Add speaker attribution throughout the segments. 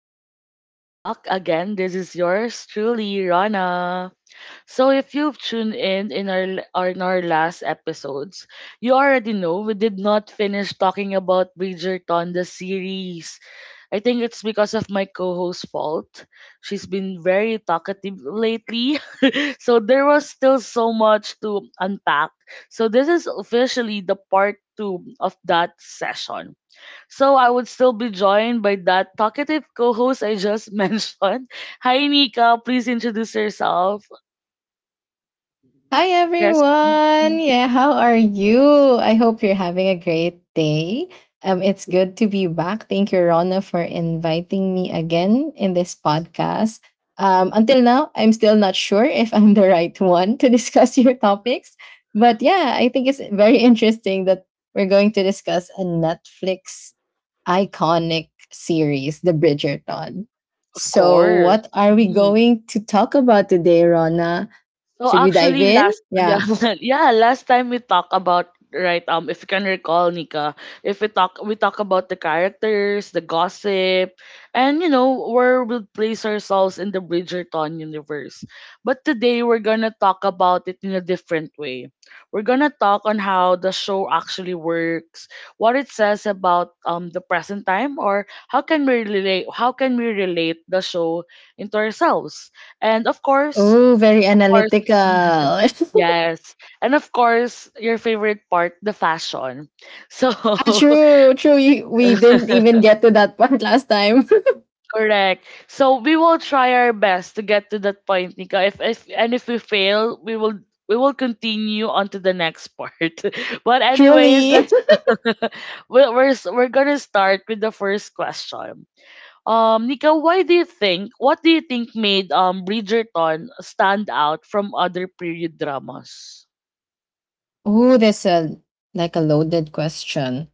Speaker 1: back to Talk the Talk. Again, this is yours truly, Rana. So if you've tuned in our or in our last episodes, you already know we did not finish talking about Bridgerton the series. I think it's because of my co-host's fault. She's been very talkative lately. So there was still so much to unpack. So this is officially the part 2 of that session. So I would still be joined by that talkative co-host I just mentioned. Hi, Nika. Please introduce yourself.
Speaker 2: Hi
Speaker 1: Yes.
Speaker 2: everyone.
Speaker 1: Mhm.
Speaker 2: Yeah, how are you? I hope you're having a great day. It's good to be back. Thank you Rona for inviting me again in this podcast. Until now, I'm still not sure if I'm the right one to discuss your topics, but yeah, I think it's very interesting that we're going to discuss a Netflix iconic series, The Bridgerton.
Speaker 1: Of
Speaker 2: So,
Speaker 1: course.
Speaker 2: what are we
Speaker 1: Mm-hmm.
Speaker 2: going to talk about today, Rona?
Speaker 1: So
Speaker 2: Should we dive
Speaker 1: actually
Speaker 2: in?
Speaker 1: last
Speaker 2: Yeah.
Speaker 1: yeah, yeah, last time we talk about, if you can recall, Nika, if we talk about the characters, the gossip, and you know where we'll place ourselves in the Bridgerton universe. But today we're gonna talk about it in a different way. We're gonna talk on how the show actually works, what it says about the present time, or how can we relate the show into ourselves. And of course,
Speaker 2: Oh, very
Speaker 1: of course.
Speaker 2: analytical.
Speaker 1: Yes. And of course, your favorite part, the fashion. So,
Speaker 2: Ah, true, true. You, we didn't even get to that part last time.
Speaker 1: correct. So, we will try our best to get to that point, Nika. If we fail, we will continue on to the next part. But anyways,
Speaker 2: Truly.
Speaker 1: let's we're going to start with the first question. Nika, why do you think what do you think made Bridgerton stand out from other period dramas?
Speaker 2: Oh, there's a like a loaded question.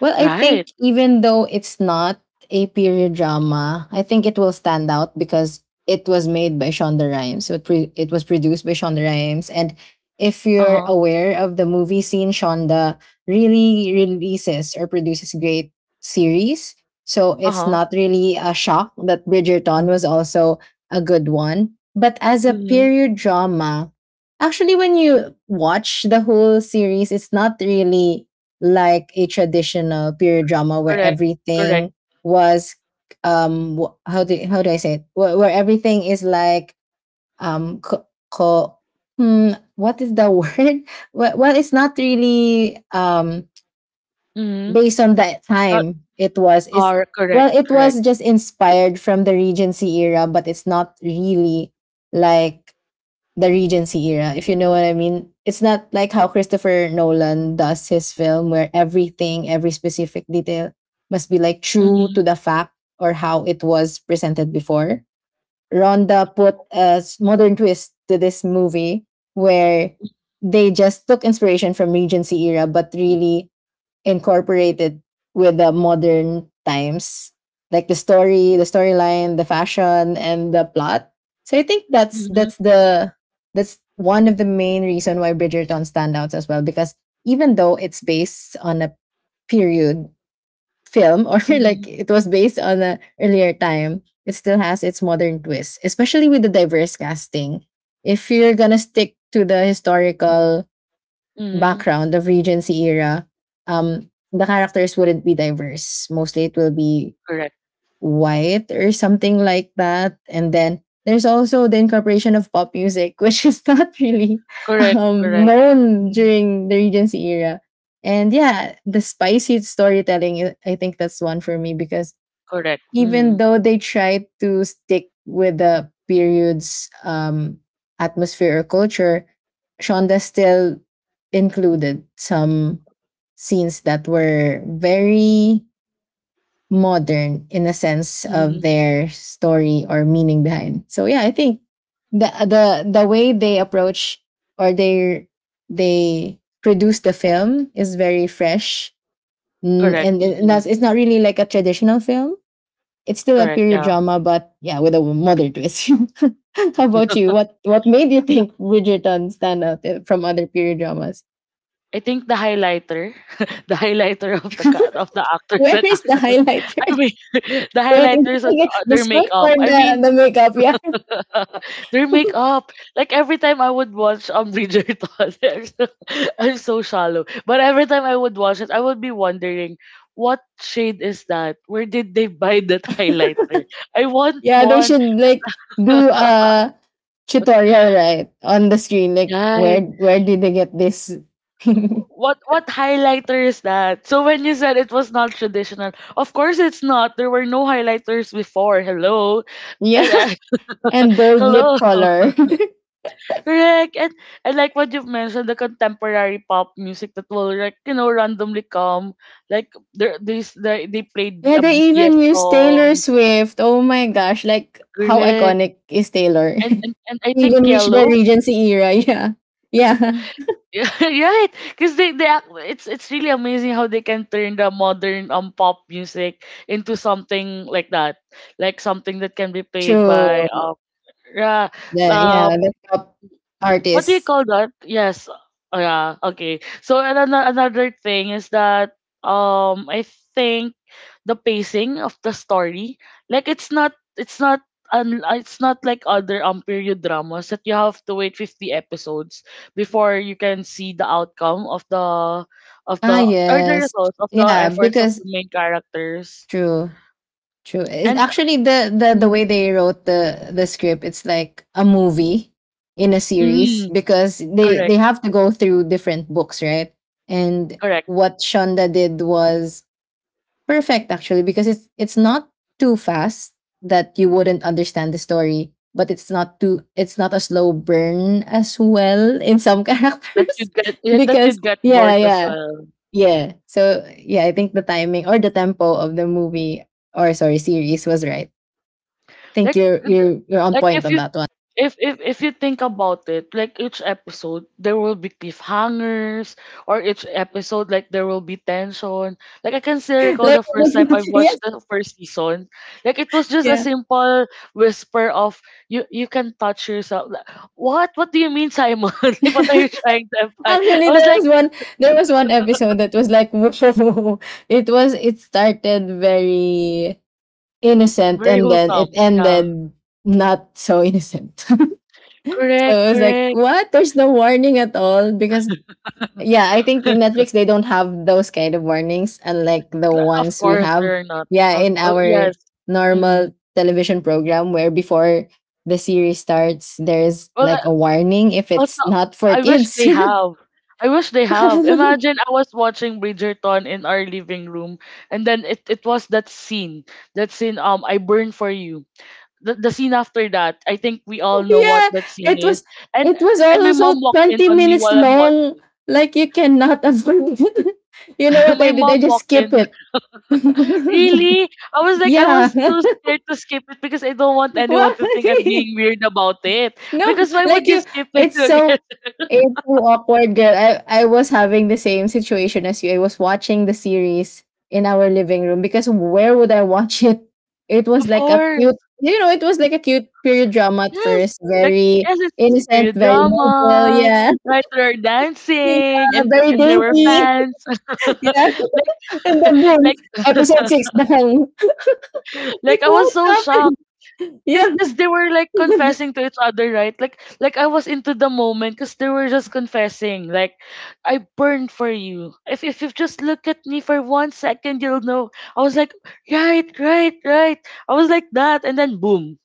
Speaker 2: Well, I
Speaker 1: Right.
Speaker 2: think even though it's not a period drama, I think it will stand out because it was made by Shonda Rhimes. So it was produced by Shonda Rhimes. And if you're
Speaker 1: Uh-huh.
Speaker 2: aware of the movie scene, Shonda really releases or produces great series. So it's
Speaker 1: Uh-huh.
Speaker 2: not really a shock that Bridgerton was also a good one. But as a
Speaker 1: Mm-hmm.
Speaker 2: period drama, actually, when you watch the whole series, it's not really like a traditional period drama where
Speaker 1: Correct, correct.
Speaker 2: everything was how do I say it? Where everything is like um co- co- what is the word? Well, it's not really
Speaker 1: Mhm.
Speaker 2: based on that
Speaker 1: Not
Speaker 2: time. It's
Speaker 1: are correct,
Speaker 2: well, it
Speaker 1: correct.
Speaker 2: was just inspired from the Regency era, but it's not really like the Regency era, if you know what I mean. It's not like how Christopher Nolan does his film, where everything, every specific detail must be like true to
Speaker 1: Mhm.
Speaker 2: the fact or how it was presented before. Ronda put a modern twist to this movie where they just took inspiration from Regency era, but really incorporated with the modern times, like the story, the storyline, the fashion and the plot. So I think
Speaker 1: Mhm.
Speaker 2: that's the that's one of the main reason why Bridgerton stands out as well, because even though it's based on a period film or like
Speaker 1: Mhm.
Speaker 2: it was based on a earlier time, it still has its modern twist, especially with the diverse casting. If you're gonna stick to the historical
Speaker 1: Mhm.
Speaker 2: background of Regency era, the characters wouldn't be diverse. Mostly it will be
Speaker 1: Correct.
Speaker 2: white or something like that. And then there's also the incorporation of pop music, which is not really
Speaker 1: Correct, correct.
Speaker 2: known
Speaker 1: Mhm.
Speaker 2: during the Regency era. And yeah, the spicy storytelling, I think that's one for me because
Speaker 1: Correct.
Speaker 2: even
Speaker 1: Mhm.
Speaker 2: though they try to stick with the period's atmosphere or culture, Shonda still included some scenes that were very modern in a sense of
Speaker 1: Mhm.
Speaker 2: their story or meaning behind. So yeah, I think the way they approach or they produce the film is very fresh. Mm,
Speaker 1: Correct.
Speaker 2: and that's
Speaker 1: Mhm.
Speaker 2: it's not really like a traditional film. It's still a
Speaker 1: Correct.
Speaker 2: period
Speaker 1: Yeah.
Speaker 2: drama, but yeah, with a modern twist. How about you? What made you think Bridgerton stand out from other period dramas?
Speaker 1: I think the highlighter, the highlighter of of the actors
Speaker 2: Where
Speaker 1: and
Speaker 2: is the
Speaker 1: actresses.
Speaker 2: highlighter?
Speaker 1: I mean, the
Speaker 2: Wait, is it
Speaker 1: highlighters and
Speaker 2: like the
Speaker 1: their
Speaker 2: script or
Speaker 1: makeup. I
Speaker 2: the,
Speaker 1: mean,
Speaker 2: the makeup? Yeah,
Speaker 1: their makeup. Like every time I would watch Bridgerton, I'm so, I'm so shallow. But every time I would watch it, I would be wondering, what shade is that? Where did they buy that highlighter? I want
Speaker 2: yeah, they
Speaker 1: one.
Speaker 2: should like do a tutorial right on the screen. Like
Speaker 1: Right.
Speaker 2: where did they get this?
Speaker 1: What highlighter is that? So when you said it was not traditional, of course it's not. There were no highlighters before. Hello.
Speaker 2: yeah,
Speaker 1: And,
Speaker 2: and bold
Speaker 1: hello.
Speaker 2: lip color.
Speaker 1: Correct. And I like what you've mentioned, the contemporary pop music that will, like, you know, randomly come. Like there this they played
Speaker 2: Yeah,
Speaker 1: a
Speaker 2: they
Speaker 1: BTS
Speaker 2: even use Taylor
Speaker 1: song.
Speaker 2: Swift. Oh my gosh, like how
Speaker 1: Correct.
Speaker 2: iconic is Taylor?
Speaker 1: And I think
Speaker 2: Even reach the
Speaker 1: Yellow.
Speaker 2: Regency era. Yeah. Yeah.
Speaker 1: Yeah, right. Because they, it's really amazing how they can turn the modern pop music into something like that. Like something that can be played
Speaker 2: True.
Speaker 1: by yeah,
Speaker 2: The, yeah, the top
Speaker 1: what do you
Speaker 2: artists.
Speaker 1: call that? Yes. Oh, yeah. Okay. So and another thing is that I think the pacing of the story, like it's not it's not like other period dramas that you have to wait 50 episodes before you can see the outcome of the of
Speaker 2: Ah
Speaker 1: the, or the
Speaker 2: yes.
Speaker 1: results of the
Speaker 2: Yeah,
Speaker 1: efforts of
Speaker 2: because
Speaker 1: the main characters.
Speaker 2: true. True. It's
Speaker 1: And
Speaker 2: actually the way
Speaker 1: mm,
Speaker 2: they wrote the script, it's like a movie in a series
Speaker 1: mm,
Speaker 2: because they
Speaker 1: correct,
Speaker 2: they have to go through different books, right? And
Speaker 1: correct.
Speaker 2: what Shonda did was perfect actually, because it's not too fast that you wouldn't understand the story, but it's not too, it's not a slow burn as well in some
Speaker 1: That
Speaker 2: characters,
Speaker 1: you'd get, that
Speaker 2: because
Speaker 1: you'd get
Speaker 2: yeah
Speaker 1: bored as
Speaker 2: yeah
Speaker 1: well.
Speaker 2: yeah So yeah, I think the timing or the tempo of the movie, or sorry, series was right. I think
Speaker 1: Like
Speaker 2: you're
Speaker 1: th-
Speaker 2: you're
Speaker 1: th-
Speaker 2: you're on
Speaker 1: like
Speaker 2: point
Speaker 1: if
Speaker 2: on
Speaker 1: you
Speaker 2: that one.
Speaker 1: if you think about it, like each episode there will be cliffhangers, or each episode like there will be tension. Like I can still recall
Speaker 2: like
Speaker 1: the first time I
Speaker 2: yes,
Speaker 1: watched the first season. Like it was just a
Speaker 2: yeah.
Speaker 1: simple whisper of you, you can touch yourself. Like, what? What do you mean, Simon? Like what are you trying to imply? I
Speaker 2: Actually,
Speaker 1: was
Speaker 2: there
Speaker 1: like,
Speaker 2: was one there was one episode that was like it was, it started very innocent
Speaker 1: very
Speaker 2: and then it
Speaker 1: wholesome. Yeah.
Speaker 2: ended not so innocent. So it
Speaker 1: Correct,
Speaker 2: was like,
Speaker 1: correct.
Speaker 2: what? There's no warning at all, because yeah, I think in Netflix they don't have those kind of warnings unlike the
Speaker 1: Like, of
Speaker 2: ones we
Speaker 1: course
Speaker 2: have.
Speaker 1: they're not.
Speaker 2: Yeah,
Speaker 1: Oh,
Speaker 2: in
Speaker 1: oh,
Speaker 2: our
Speaker 1: yes. Mm.
Speaker 2: normal television program where before the series starts there's
Speaker 1: Well,
Speaker 2: like a warning if it's
Speaker 1: also,
Speaker 2: not for
Speaker 1: I wish they
Speaker 2: kids.
Speaker 1: have. I wish they have. Imagine I was watching Bridgerton in our living room, and then it was that scene. That scene, I burn for you. The scene after that, I think we all know what
Speaker 2: Yeah,
Speaker 1: that scene
Speaker 2: it was
Speaker 1: is. And
Speaker 2: it was
Speaker 1: and my mom
Speaker 2: also
Speaker 1: walked in
Speaker 2: 20
Speaker 1: on me
Speaker 2: minutes
Speaker 1: while I'm
Speaker 2: long.
Speaker 1: watching.
Speaker 2: Like you cannot avoid it. You know what
Speaker 1: My
Speaker 2: I did? I
Speaker 1: mom
Speaker 2: just
Speaker 1: walked in.
Speaker 2: skip it.
Speaker 1: Really? I was like, I
Speaker 2: yeah.
Speaker 1: was too scared to skip it because I don't want anyone
Speaker 2: Why?
Speaker 1: to think I'm being weird about it.
Speaker 2: No,
Speaker 1: Because why
Speaker 2: like
Speaker 1: would you
Speaker 2: you
Speaker 1: skip it?
Speaker 2: it's so awkward, girl. I was having the same situation as you. I was watching the series in our living room because where would I watch it? It was
Speaker 1: Of
Speaker 2: like a
Speaker 1: course.
Speaker 2: cute you know, it was like a cute period drama at
Speaker 1: Yes,
Speaker 2: first,
Speaker 1: like,
Speaker 2: very
Speaker 1: yes, it's a stereo
Speaker 2: innocent, very noble,
Speaker 1: drama,
Speaker 2: yeah.
Speaker 1: right? They were dancing,
Speaker 2: Yeah, very
Speaker 1: and there were
Speaker 2: dainty.
Speaker 1: fans.
Speaker 2: Yeah,
Speaker 1: Like,
Speaker 2: and then boom,
Speaker 1: like,
Speaker 2: episode six, bang.
Speaker 1: like
Speaker 2: Like
Speaker 1: I was
Speaker 2: what
Speaker 1: so shocked.
Speaker 2: happened? Yeah,
Speaker 1: Cause, cause they were like confessing to each other, right? Like I was into the moment, cause they were just confessing. Like, I burned for you. If you just look at me for 1 second, you'll know. I was like, right, right, right. I was like that, and then boom.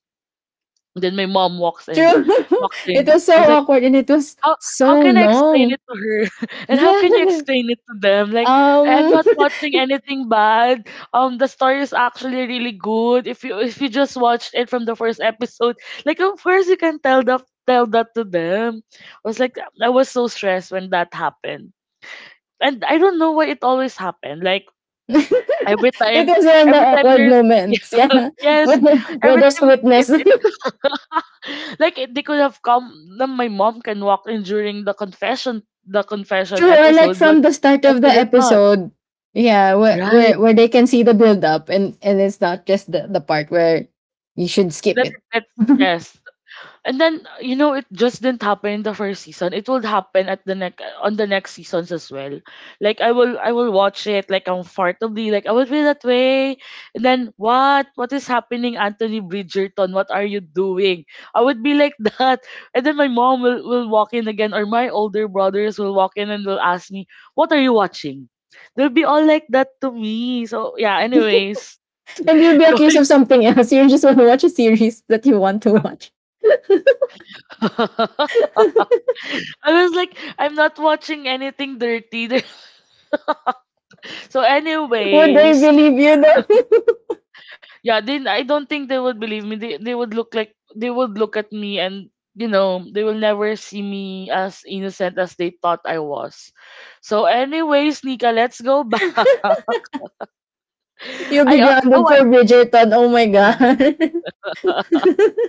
Speaker 1: And then my mom walks in,
Speaker 2: true.
Speaker 1: walked
Speaker 2: It
Speaker 1: in.
Speaker 2: was so
Speaker 1: I was like,
Speaker 2: awkward and it was
Speaker 1: how how
Speaker 2: so
Speaker 1: can I explain
Speaker 2: long.
Speaker 1: it to her? And how can you
Speaker 2: Yeah.
Speaker 1: explain it to them? Like, I'm
Speaker 2: Um,
Speaker 1: not watching anything bad. The story is actually really good. If you, if you just watched it from the first episode, like of course you can tell, the tell that to them. I was like, I was so stressed when that happened. And I don't know why it always happened. Like every
Speaker 2: it
Speaker 1: time
Speaker 2: was one of the
Speaker 1: every time
Speaker 2: awkward
Speaker 1: there's
Speaker 2: moments. Yeah,
Speaker 1: yes,
Speaker 2: where, where
Speaker 1: every
Speaker 2: there's
Speaker 1: time it,
Speaker 2: witness.
Speaker 1: it like it, they could have come. Then my mom can walk in during the confession
Speaker 2: True, or like
Speaker 1: episode,
Speaker 2: from the start
Speaker 1: but
Speaker 2: of the
Speaker 1: they did not.
Speaker 2: episode. Yeah, where
Speaker 1: Right.
Speaker 2: where, where they can see the build up, and it's not just the part where you should skip
Speaker 1: That
Speaker 2: it.
Speaker 1: that's yes. And then you know it just didn't happen in the first season. It will happen at the next, on the next seasons as well. Like I will watch it like comfortably. Like I will be that way. And then what is happening, Anthony Bridgerton? What are you doing? I would be like that. And then my mom will walk in again, or my older brothers will walk in and will ask me, "What are you watching?" They'll be all like that to me. So yeah. Anyways,
Speaker 2: And you'll be accused
Speaker 1: going
Speaker 2: of something else. You just want to watch a series that you want to watch.
Speaker 1: I was like, I'm not watching anything dirty. So,
Speaker 2: Would they
Speaker 1: anyways,
Speaker 2: believe you though?
Speaker 1: yeah, then I don't think they would believe me. They would look like they would look at me, and you know, they will never see me as innocent as they thought I was. So, anyways, Nika, let's go back.
Speaker 2: You'll be
Speaker 1: I
Speaker 2: grounded
Speaker 1: oh
Speaker 2: for
Speaker 1: I.
Speaker 2: Bridgerton. Oh my god.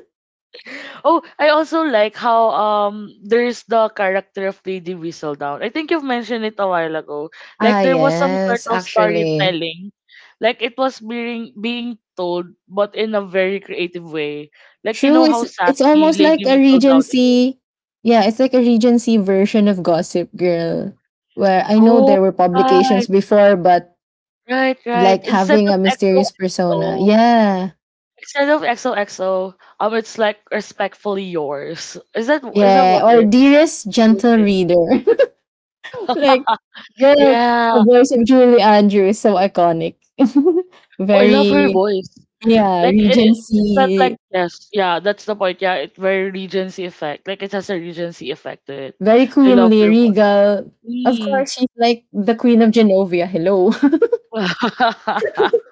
Speaker 1: Oh, I also like how there's the character of Lady Whistledown. I think you've mentioned it a while ago.
Speaker 2: Ah
Speaker 1: Like there was some sort
Speaker 2: yes,
Speaker 1: of
Speaker 2: actually.
Speaker 1: storytelling. Like it was being told but in a very creative way. Like you
Speaker 2: True,
Speaker 1: know how
Speaker 2: it's
Speaker 1: sassy
Speaker 2: almost
Speaker 1: Lady
Speaker 2: like a
Speaker 1: Whistledown is.
Speaker 2: Regency. Yeah, it's like a Regency version of Gossip Girl. Where I know
Speaker 1: Oh,
Speaker 2: there were publications
Speaker 1: right,
Speaker 2: before, but
Speaker 1: right, right.
Speaker 2: like
Speaker 1: Instead
Speaker 2: having
Speaker 1: of
Speaker 2: a mysterious persona.
Speaker 1: XOXO,
Speaker 2: Yeah.
Speaker 1: instead of XOXO, it's like respectfully yours. Is that
Speaker 2: Yeah.
Speaker 1: what
Speaker 2: Or
Speaker 1: it?
Speaker 2: dearest
Speaker 1: It was
Speaker 2: gentle
Speaker 1: it.
Speaker 2: reader. Like Girl, the
Speaker 1: Yeah.
Speaker 2: voice of Julie Andrews is so iconic.
Speaker 1: Oh, I love her
Speaker 2: Very,
Speaker 1: voice.
Speaker 2: yeah,
Speaker 1: Like it felt like,
Speaker 2: Regency,
Speaker 1: yes, yeah, that's the point. Yeah, it very regency effect. Like it has a regency effect to it.
Speaker 2: very
Speaker 1: I love
Speaker 2: queenly,
Speaker 1: your voice.
Speaker 2: regal. Of
Speaker 1: Mm.
Speaker 2: course, she's like the queen of Genovia. Hello.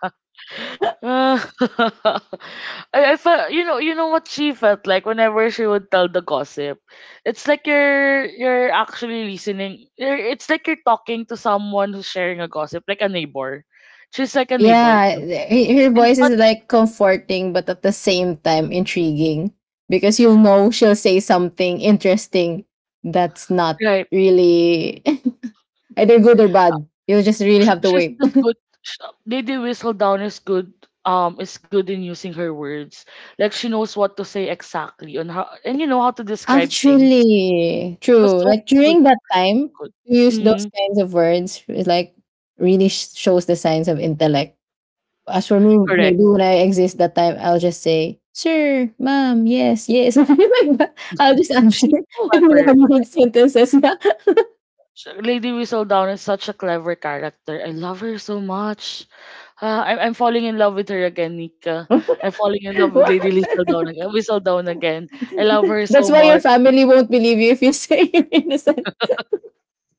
Speaker 1: I felt, you know, you know what she felt like whenever she would tell the gossip. It's like you're actually listening. You're, it's like you're talking to someone who's sharing a gossip, like a neighbor. She's like a neighbor,
Speaker 2: Yeah,
Speaker 1: to-
Speaker 2: th- her
Speaker 1: and
Speaker 2: voice
Speaker 1: but
Speaker 2: is like comforting, but at the same time intriguing because you know she'll say something interesting that's not
Speaker 1: right
Speaker 2: really either good or bad. You'll just really
Speaker 1: she,
Speaker 2: have to
Speaker 1: she's
Speaker 2: wait.
Speaker 1: just good. Sh Didi Whistle Down is good. Is good in using her words. Like she knows what to say exactly on how, and you know how to describe things.
Speaker 2: Actually,
Speaker 1: She was
Speaker 2: true.
Speaker 1: so
Speaker 2: Like
Speaker 1: good.
Speaker 2: during that time,
Speaker 1: Good.
Speaker 2: to use those
Speaker 1: Mm,
Speaker 2: kinds of words is like really sh- shows the signs of intellect. As for me, maybe
Speaker 1: correct.
Speaker 2: when I exist that time, I'll just say, "Sir, ma'am, yes, yes." Like that. I'll just answer.
Speaker 1: She's
Speaker 2: I mean,
Speaker 1: clever.
Speaker 2: I'm in sentences, yeah.
Speaker 1: Lady Whistledown is such a clever character. I love her so much. Ah, I'm falling in love with her again, Nika. I'm falling in love with
Speaker 2: What?
Speaker 1: Lady Whistledown again. Whistledown again. I love her
Speaker 2: That's
Speaker 1: so
Speaker 2: why your
Speaker 1: much.
Speaker 2: family won't believe you if you say you're innocent.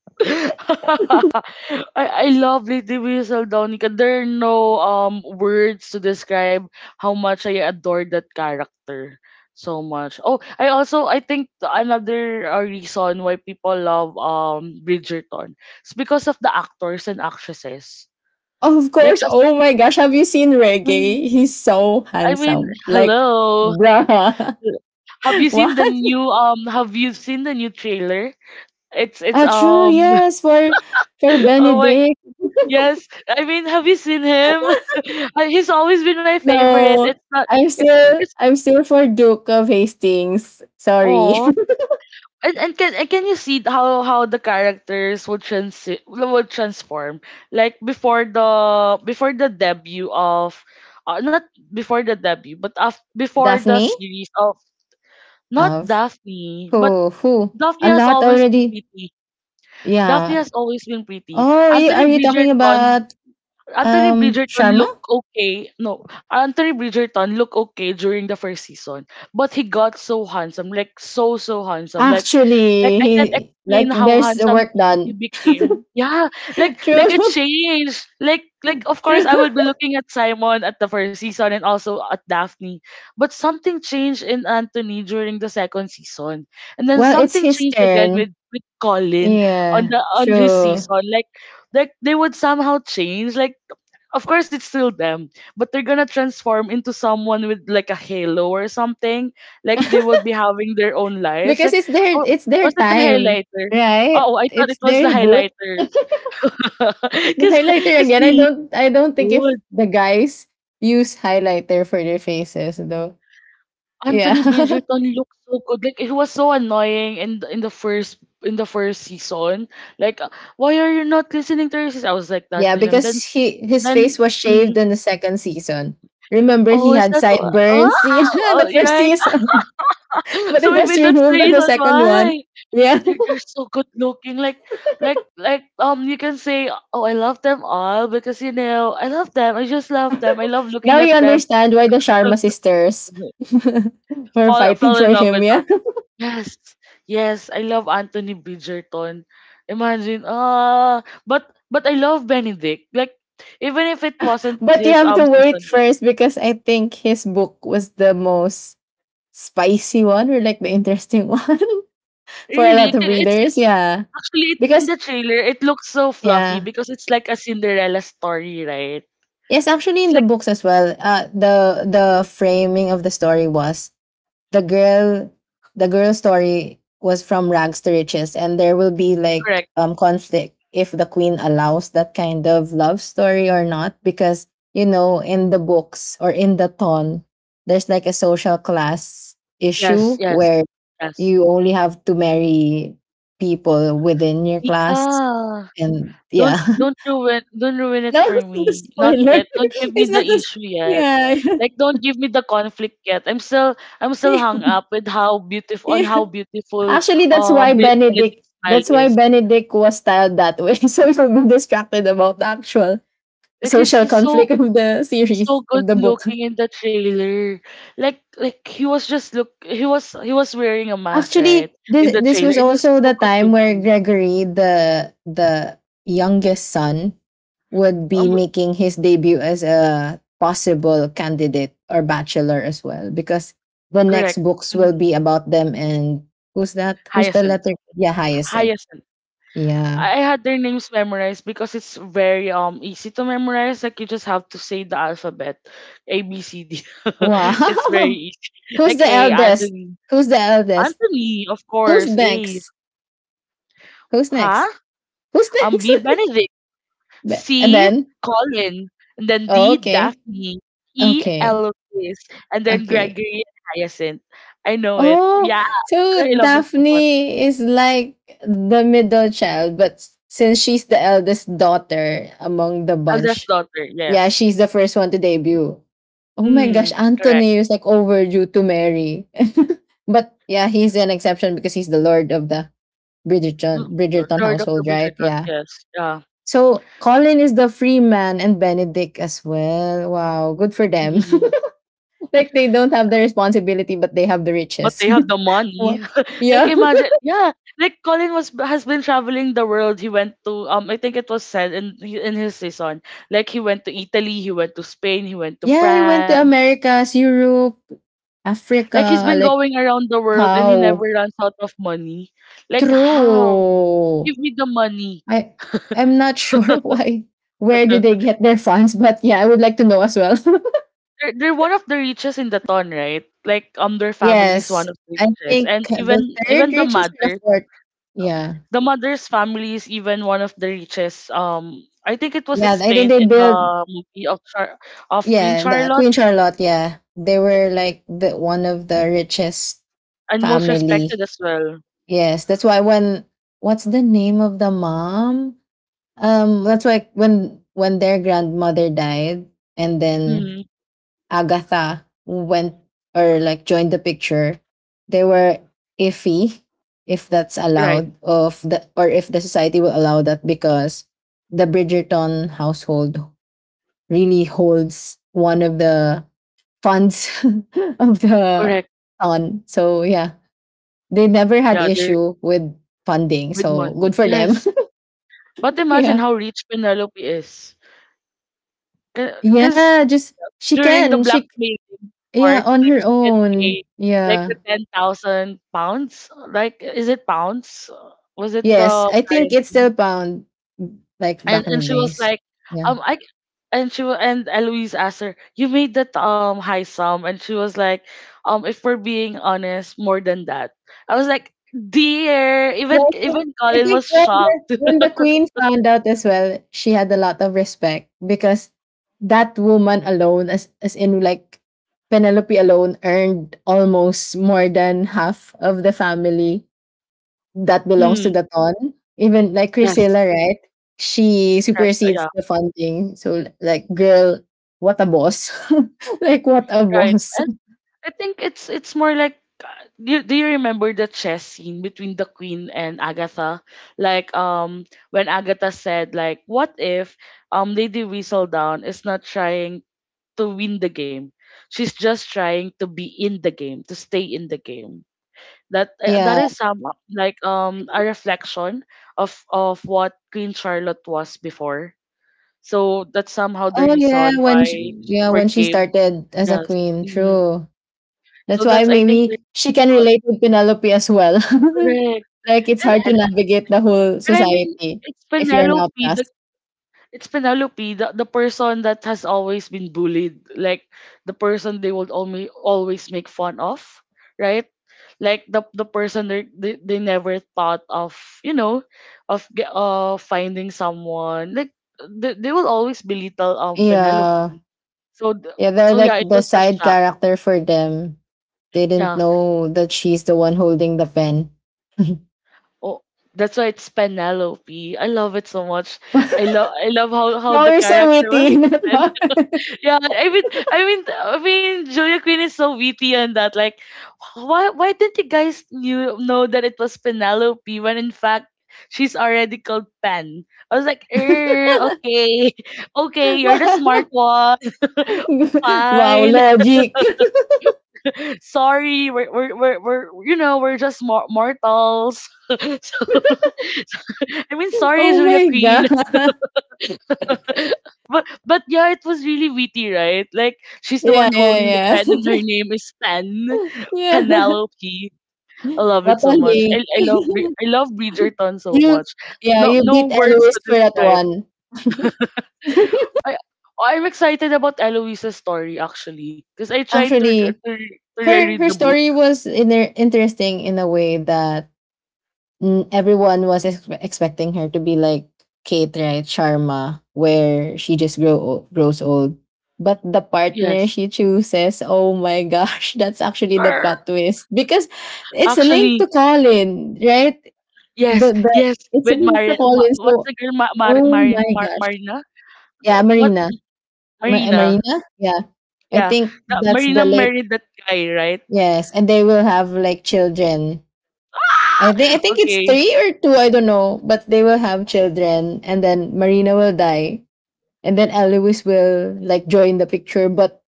Speaker 1: I love Lady Whistle Donica. There are no words to describe how much I adore that character so much. Oh, I also I think another reason why people love Bridgerton is because of the actors and actresses.
Speaker 2: Of
Speaker 1: Like
Speaker 2: course.
Speaker 1: as,
Speaker 2: Oh my gosh, have you seen
Speaker 1: I mean
Speaker 2: Reggae? He's so
Speaker 1: I mean
Speaker 2: handsome. Like,
Speaker 1: hello.
Speaker 2: bruh,
Speaker 1: Have you seen the
Speaker 2: what?
Speaker 1: new have you seen the new trailer? It's
Speaker 2: Ah, true. Yes, for
Speaker 1: oh my.
Speaker 2: Benedict.
Speaker 1: Yes, I mean, have you seen him? He's always been my favorite.
Speaker 2: No,
Speaker 1: It's not.
Speaker 2: I'm still
Speaker 1: It's
Speaker 2: I'm still for Duke of Hastings. Sorry,
Speaker 1: oh, and can, and can you see how the characters would transi would transform? Like before the, before the debut of, not before the debut, but before the
Speaker 2: Daphne
Speaker 1: series of, not
Speaker 2: of
Speaker 1: Daphne, but
Speaker 2: who
Speaker 1: Daphne
Speaker 2: a
Speaker 1: has
Speaker 2: lot
Speaker 1: always been
Speaker 2: already.
Speaker 1: pretty. Daphne
Speaker 2: Yeah.
Speaker 1: has always been pretty.
Speaker 2: Oh, you,
Speaker 1: Anthony
Speaker 2: are you talking
Speaker 1: Bridgerton,
Speaker 2: about
Speaker 1: Anthony Bridgerton
Speaker 2: Sharma?
Speaker 1: looked okay. No, Anthony Bridgerton looked okay during the first season, but he got so handsome, like so so handsome, like
Speaker 2: Actually,
Speaker 1: I
Speaker 2: he
Speaker 1: can't explain
Speaker 2: like
Speaker 1: how
Speaker 2: there's
Speaker 1: handsome
Speaker 2: work
Speaker 1: he
Speaker 2: done.
Speaker 1: became. Yeah,
Speaker 2: True,
Speaker 1: like it changed. Like of course
Speaker 2: true.
Speaker 1: I will be looking at Simon at the first season and also at Daphne, but something changed in Anthony during the second season, and then
Speaker 2: Well, it's
Speaker 1: something
Speaker 2: his
Speaker 1: changed again with
Speaker 2: turn.
Speaker 1: with Colin
Speaker 2: Yeah,
Speaker 1: on his
Speaker 2: true.
Speaker 1: season. Like they would somehow change. Like of course it's still them, but they're gonna transform into someone with like a halo or something. Like they would be having their own lights.
Speaker 2: Because
Speaker 1: Like,
Speaker 2: it's their
Speaker 1: oh,
Speaker 2: it's their
Speaker 1: was it the
Speaker 2: time,
Speaker 1: highlighter?
Speaker 2: right?
Speaker 1: Oh, I thought
Speaker 2: It's
Speaker 1: it was the
Speaker 2: their book.
Speaker 1: highlighters.
Speaker 2: The
Speaker 1: because
Speaker 2: highlighter
Speaker 1: because
Speaker 2: again.
Speaker 1: they
Speaker 2: I
Speaker 1: look
Speaker 2: don't. I don't think if
Speaker 1: good.
Speaker 2: the guys use highlighter for their faces though. Yeah,
Speaker 1: Anthony Bridgerton looked so good. Like he was so annoying in the first season. Like why are you not listening to her, sis?" I was like that
Speaker 2: yeah.
Speaker 1: to him.
Speaker 2: Because
Speaker 1: then
Speaker 2: he his
Speaker 1: then
Speaker 2: face was shaved
Speaker 1: mm,
Speaker 2: in the second season. Remember,
Speaker 1: oh,
Speaker 2: he
Speaker 1: is
Speaker 2: had
Speaker 1: that? Oh,
Speaker 2: sideburns in
Speaker 1: oh,
Speaker 2: the first
Speaker 1: right.
Speaker 2: season, but
Speaker 1: So
Speaker 2: it was
Speaker 1: maybe that's the
Speaker 2: removed on the
Speaker 1: reason
Speaker 2: second one.
Speaker 1: why
Speaker 2: Yeah.
Speaker 1: they're, they're so good looking. Like, you can say, oh, I love them all because I love them. I just love them. I love
Speaker 2: Now
Speaker 1: looking at
Speaker 2: you
Speaker 1: them.
Speaker 2: understand why the Sharma sisters were
Speaker 1: Fall,
Speaker 2: fighting
Speaker 1: fell in
Speaker 2: for
Speaker 1: love
Speaker 2: him.
Speaker 1: with.
Speaker 2: Yeah.
Speaker 1: Yes, yes, I love Anthony Bridgerton. Imagine, but I love Benedict. Like, even if it wasn't
Speaker 2: But you
Speaker 1: his
Speaker 2: have to wait
Speaker 1: season, name.
Speaker 2: first because I think his book was the most spicy one or like the interesting one. For a
Speaker 1: Really,
Speaker 2: lot of
Speaker 1: it's
Speaker 2: readers.
Speaker 1: it's
Speaker 2: Yeah,
Speaker 1: actually in
Speaker 2: because
Speaker 1: the trailer. It looks so fluffy
Speaker 2: yeah,
Speaker 1: because it's like a Cinderella story, right?
Speaker 2: yes, actually in the books as well. The framing of the story was the girl, the girl story was from rags to riches, and there will be like
Speaker 1: Correct.
Speaker 2: conflict if the queen allows that kind of love story or not, because you know in the books or in the ton, there's like a social class
Speaker 1: Yes,
Speaker 2: issue
Speaker 1: yes,
Speaker 2: where
Speaker 1: yes.
Speaker 2: you only have to marry people within your class
Speaker 1: Mika,
Speaker 2: and yeah.
Speaker 1: don't don't ruin don't ruin
Speaker 2: No,
Speaker 1: it for
Speaker 2: it's not a
Speaker 1: me. Not
Speaker 2: spoiler.
Speaker 1: yet. Don't give me
Speaker 2: It's
Speaker 1: the
Speaker 2: not a s-
Speaker 1: issue yet.
Speaker 2: yeah, yeah,
Speaker 1: Like don't give me the conflict yet. I'm still hung up with how beautiful on
Speaker 2: yeah.
Speaker 1: how beautiful
Speaker 2: Actually, that's why Benedict.
Speaker 1: Benedict's smile
Speaker 2: That's why
Speaker 1: is.
Speaker 2: Benedict was styled that way, so he would be distracted about the actual
Speaker 1: Because
Speaker 2: social
Speaker 1: he's
Speaker 2: conflict
Speaker 1: so
Speaker 2: of the
Speaker 1: he's so
Speaker 2: series
Speaker 1: good
Speaker 2: of the book.
Speaker 1: looking in the trailer. Like he was wearing a mask, right?
Speaker 2: Actually,
Speaker 1: In
Speaker 2: this
Speaker 1: the
Speaker 2: this
Speaker 1: trailer.
Speaker 2: was
Speaker 1: It was
Speaker 2: also
Speaker 1: so
Speaker 2: the
Speaker 1: good
Speaker 2: time where
Speaker 1: looking.
Speaker 2: Gregory, the youngest son, would be
Speaker 1: Um
Speaker 2: making his debut as a possible candidate or bachelor as well, because the next
Speaker 1: correct.
Speaker 2: books will
Speaker 1: hmm
Speaker 2: be about them, and who's that? Who's the
Speaker 1: Hyacinth.
Speaker 2: letter? Yeah, Hyacinth.
Speaker 1: Hyacinth.
Speaker 2: Yeah.
Speaker 1: I had their names memorized because it's very easy to memorize. Like you just have to say the alphabet, A B C D.
Speaker 2: Wow.
Speaker 1: It's very easy.
Speaker 2: Who's
Speaker 1: Like
Speaker 2: the
Speaker 1: A
Speaker 2: eldest?
Speaker 1: Anthony.
Speaker 2: Who's the eldest?
Speaker 1: Anthony, of
Speaker 2: Who's
Speaker 1: course. A,
Speaker 2: next? Who's
Speaker 1: huh?
Speaker 2: next? Who's next?
Speaker 1: B Benedict,
Speaker 2: Be- and
Speaker 1: C
Speaker 2: then,
Speaker 1: Colin, and then
Speaker 2: oh,
Speaker 1: D
Speaker 2: okay,
Speaker 1: Daphne, E
Speaker 2: okay,
Speaker 1: Eloise, and then
Speaker 2: okay.
Speaker 1: Gregory and Hyacinth. I know it.
Speaker 2: Oh,
Speaker 1: Yeah, I
Speaker 2: so
Speaker 1: love them so much.
Speaker 2: Daphne is like the middle child, but since she's the eldest daughter among the
Speaker 1: Eldest
Speaker 2: bunch,
Speaker 1: daughter,
Speaker 2: yeah,
Speaker 1: yes.
Speaker 2: she's the first one to debut. Oh my gosh,
Speaker 1: Mm, correct.
Speaker 2: Anthony is like overdue to marry. But he's an exception because he's the lord of the Bridgerton
Speaker 1: L-
Speaker 2: Bridgerton
Speaker 1: Lord of the
Speaker 2: household, right?
Speaker 1: Bridgerton,
Speaker 2: Yeah.
Speaker 1: yes. Yeah.
Speaker 2: So Colin is the free man and Benedict as well. Wow, good for them.
Speaker 1: Mhm.
Speaker 2: Like they don't have the responsibility, but they have the
Speaker 1: But they
Speaker 2: riches.
Speaker 1: have the money.
Speaker 2: Wow.
Speaker 1: Like
Speaker 2: Yeah.
Speaker 1: imagine, yeah. Like Colin was has been traveling the world. He went to I think it was said in his season. Like he went to Italy, he went to Spain, he went to
Speaker 2: Yeah, I went to
Speaker 1: France.
Speaker 2: Americas, Europe,
Speaker 1: Like he's
Speaker 2: Africa,
Speaker 1: been
Speaker 2: like
Speaker 1: going around the world and he never
Speaker 2: how?
Speaker 1: runs out of money. Like how?
Speaker 2: True.
Speaker 1: Give me the money.
Speaker 2: I I'm not sure why where do they get their funds, but yeah, I would like to know as well.
Speaker 1: They're one of the richest in the town, right? Like their family is one
Speaker 2: Yes.
Speaker 1: of the
Speaker 2: I
Speaker 1: richest,
Speaker 2: think
Speaker 1: and even
Speaker 2: the third
Speaker 1: even
Speaker 2: richest or the fourth. Yeah.
Speaker 1: the mother's family is even one of the richest. I think it was
Speaker 2: Yeah, I think
Speaker 1: explained
Speaker 2: they
Speaker 1: in
Speaker 2: build
Speaker 1: the movie of Queen
Speaker 2: Yeah, the
Speaker 1: Charlotte,
Speaker 2: Queen Charlotte, yeah. They were like the one of the richest
Speaker 1: and most
Speaker 2: family.
Speaker 1: respected as well.
Speaker 2: Yes, that's why when what's the name of the mom? That's why when their grandmother died, and then
Speaker 1: Hmm.
Speaker 2: Agatha went or like joined the picture, they were iffy if that's
Speaker 1: Right.
Speaker 2: allowed of the or if the society will allow that because the Bridgerton household really holds one of the funds of the
Speaker 1: Correct.
Speaker 2: on. So yeah, they never had
Speaker 1: Yeah, they're
Speaker 2: issue with funding.
Speaker 1: with
Speaker 2: So
Speaker 1: money.
Speaker 2: good for them.
Speaker 1: Yes. But imagine
Speaker 2: Yeah.
Speaker 1: how rich Penelope is. Because
Speaker 2: Yeah, just she
Speaker 1: during the
Speaker 2: can. She
Speaker 1: blackmailing part,
Speaker 2: Yeah, on
Speaker 1: like
Speaker 2: her
Speaker 1: she can
Speaker 2: own.
Speaker 1: pay like
Speaker 2: Yeah.
Speaker 1: the 10,000 pounds. Like, is it pounds? Was it
Speaker 2: Yes,
Speaker 1: the
Speaker 2: I think it's still
Speaker 1: currency?
Speaker 2: bound like
Speaker 1: and
Speaker 2: back in
Speaker 1: and
Speaker 2: the
Speaker 1: she was
Speaker 2: days.
Speaker 1: like,
Speaker 2: Yeah.
Speaker 1: I and Eloise asked her, "You made that high sum," and she was like, "If we're being honest, more than that." I was like, "Dear."
Speaker 2: Yeah,
Speaker 1: even
Speaker 2: I think
Speaker 1: even
Speaker 2: I
Speaker 1: Colin
Speaker 2: think
Speaker 1: was
Speaker 2: when the
Speaker 1: shocked.
Speaker 2: when the queen found out as well, she had a lot of respect because that woman alone, as in, like, Penelope alone, earned almost more than half of the family that belongs to
Speaker 1: Mm,
Speaker 2: the ton. Even like
Speaker 1: yes,
Speaker 2: Priscilla, right? She
Speaker 1: yes,
Speaker 2: supersedes
Speaker 1: yeah,
Speaker 2: the funding. So like, girl, what a boss! Like what a
Speaker 1: right.
Speaker 2: boss.
Speaker 1: And I think it's more like, do you remember the chess scene between the queen and Agatha? Like when Agatha said, like, "What if Lady Weasel Down is not trying to win the game? She's just trying to be in the game, to stay in the game." That uh,
Speaker 2: Yeah.
Speaker 1: that is some, like a reflection of what Queen Charlotte was before. So that's somehow the
Speaker 2: Oh yeah.
Speaker 1: reason why she
Speaker 2: Yeah, when she
Speaker 1: forgave.
Speaker 2: started as a
Speaker 1: Yes.
Speaker 2: queen,
Speaker 1: Mhm.
Speaker 2: true.
Speaker 1: So
Speaker 2: That's
Speaker 1: that's,
Speaker 2: why
Speaker 1: I think, the
Speaker 2: maybe she can
Speaker 1: reason.
Speaker 2: relate with Penelope as well.
Speaker 1: Correct.
Speaker 2: Like it's
Speaker 1: And,
Speaker 2: hard to
Speaker 1: and
Speaker 2: navigate the whole
Speaker 1: and I mean,
Speaker 2: society
Speaker 1: it's
Speaker 2: if you're an
Speaker 1: Penelope
Speaker 2: outcast.
Speaker 1: the it's Penelope, the person that has always been bullied. Like the person they would only always make fun of, right? Like the person they never thought of you know of ge- finding someone. Like they will always belittle
Speaker 2: Yeah.
Speaker 1: Penelope. So
Speaker 2: Yeah, they're
Speaker 1: so yeah,
Speaker 2: like
Speaker 1: it
Speaker 2: the
Speaker 1: was a
Speaker 2: side
Speaker 1: shock.
Speaker 2: character for them. They didn't
Speaker 1: Yeah.
Speaker 2: know that she's the one holding the pen.
Speaker 1: Oh, that's why it's Penelope. I love it so much. I love I love how
Speaker 2: Wow,
Speaker 1: the
Speaker 2: you're so
Speaker 1: character was
Speaker 2: witty.
Speaker 1: written. Yeah, I mean, Julia Quinn is so witty on that. Like, why didn't you guys knew know that it was Penelope when in fact she's already called Pen? I was like, okay. Okay, you're the smart one.
Speaker 2: Wow,
Speaker 1: Fine.
Speaker 2: logic.
Speaker 1: Sorry, we're we're just mortals. So I mean, sorry,
Speaker 2: Oh
Speaker 1: Julia
Speaker 2: my
Speaker 1: Queen.
Speaker 2: god.
Speaker 1: But yeah, it was really witty, right? Like she's the
Speaker 2: Yeah,
Speaker 1: one holding the
Speaker 2: yeah,
Speaker 1: pen, and her
Speaker 2: yeah.
Speaker 1: name is Pen.
Speaker 2: Yeah.
Speaker 1: Penelope. I love
Speaker 2: What
Speaker 1: it
Speaker 2: a
Speaker 1: so much. I,
Speaker 2: link.
Speaker 1: I love Bre- I love Bridgerton so
Speaker 2: you
Speaker 1: much.
Speaker 2: Yeah,
Speaker 1: No,
Speaker 2: you
Speaker 1: no
Speaker 2: beat
Speaker 1: words
Speaker 2: Eloise
Speaker 1: to
Speaker 2: for that
Speaker 1: describe.
Speaker 2: one.
Speaker 1: I I'm excited about Eloisa's story, actually, because I tried to
Speaker 2: Actually,
Speaker 1: to
Speaker 2: her
Speaker 1: reread
Speaker 2: her
Speaker 1: the book.
Speaker 2: story was in interesting in a way that everyone was expecting her to be like Kate, right? Sharma, where she just grows old. But the partner
Speaker 1: Yes.
Speaker 2: she chooses, oh my gosh, that's actually the
Speaker 1: Arr!
Speaker 2: plot twist because it's linked
Speaker 1: Actually,
Speaker 2: to Colin, right?
Speaker 1: yes,
Speaker 2: The
Speaker 1: yes.
Speaker 2: It's
Speaker 1: With
Speaker 2: linked to
Speaker 1: Marin, Ma,
Speaker 2: Colin,
Speaker 1: what's
Speaker 2: so
Speaker 1: the girl? Ma, Mar,
Speaker 2: oh
Speaker 1: Marin,
Speaker 2: my
Speaker 1: Mar,
Speaker 2: gosh,
Speaker 1: Marina?
Speaker 2: yeah,
Speaker 1: What? Marina.
Speaker 2: Marina, yeah. I
Speaker 1: Yeah,
Speaker 2: think
Speaker 1: that
Speaker 2: that's the
Speaker 1: Marina
Speaker 2: late
Speaker 1: married that guy, right?
Speaker 2: Yes, and they will have like children. I think I think it's
Speaker 1: Okay,
Speaker 2: three or two, I don't know. But they will have children and then Marina will die. And then Eloise will like join the picture. But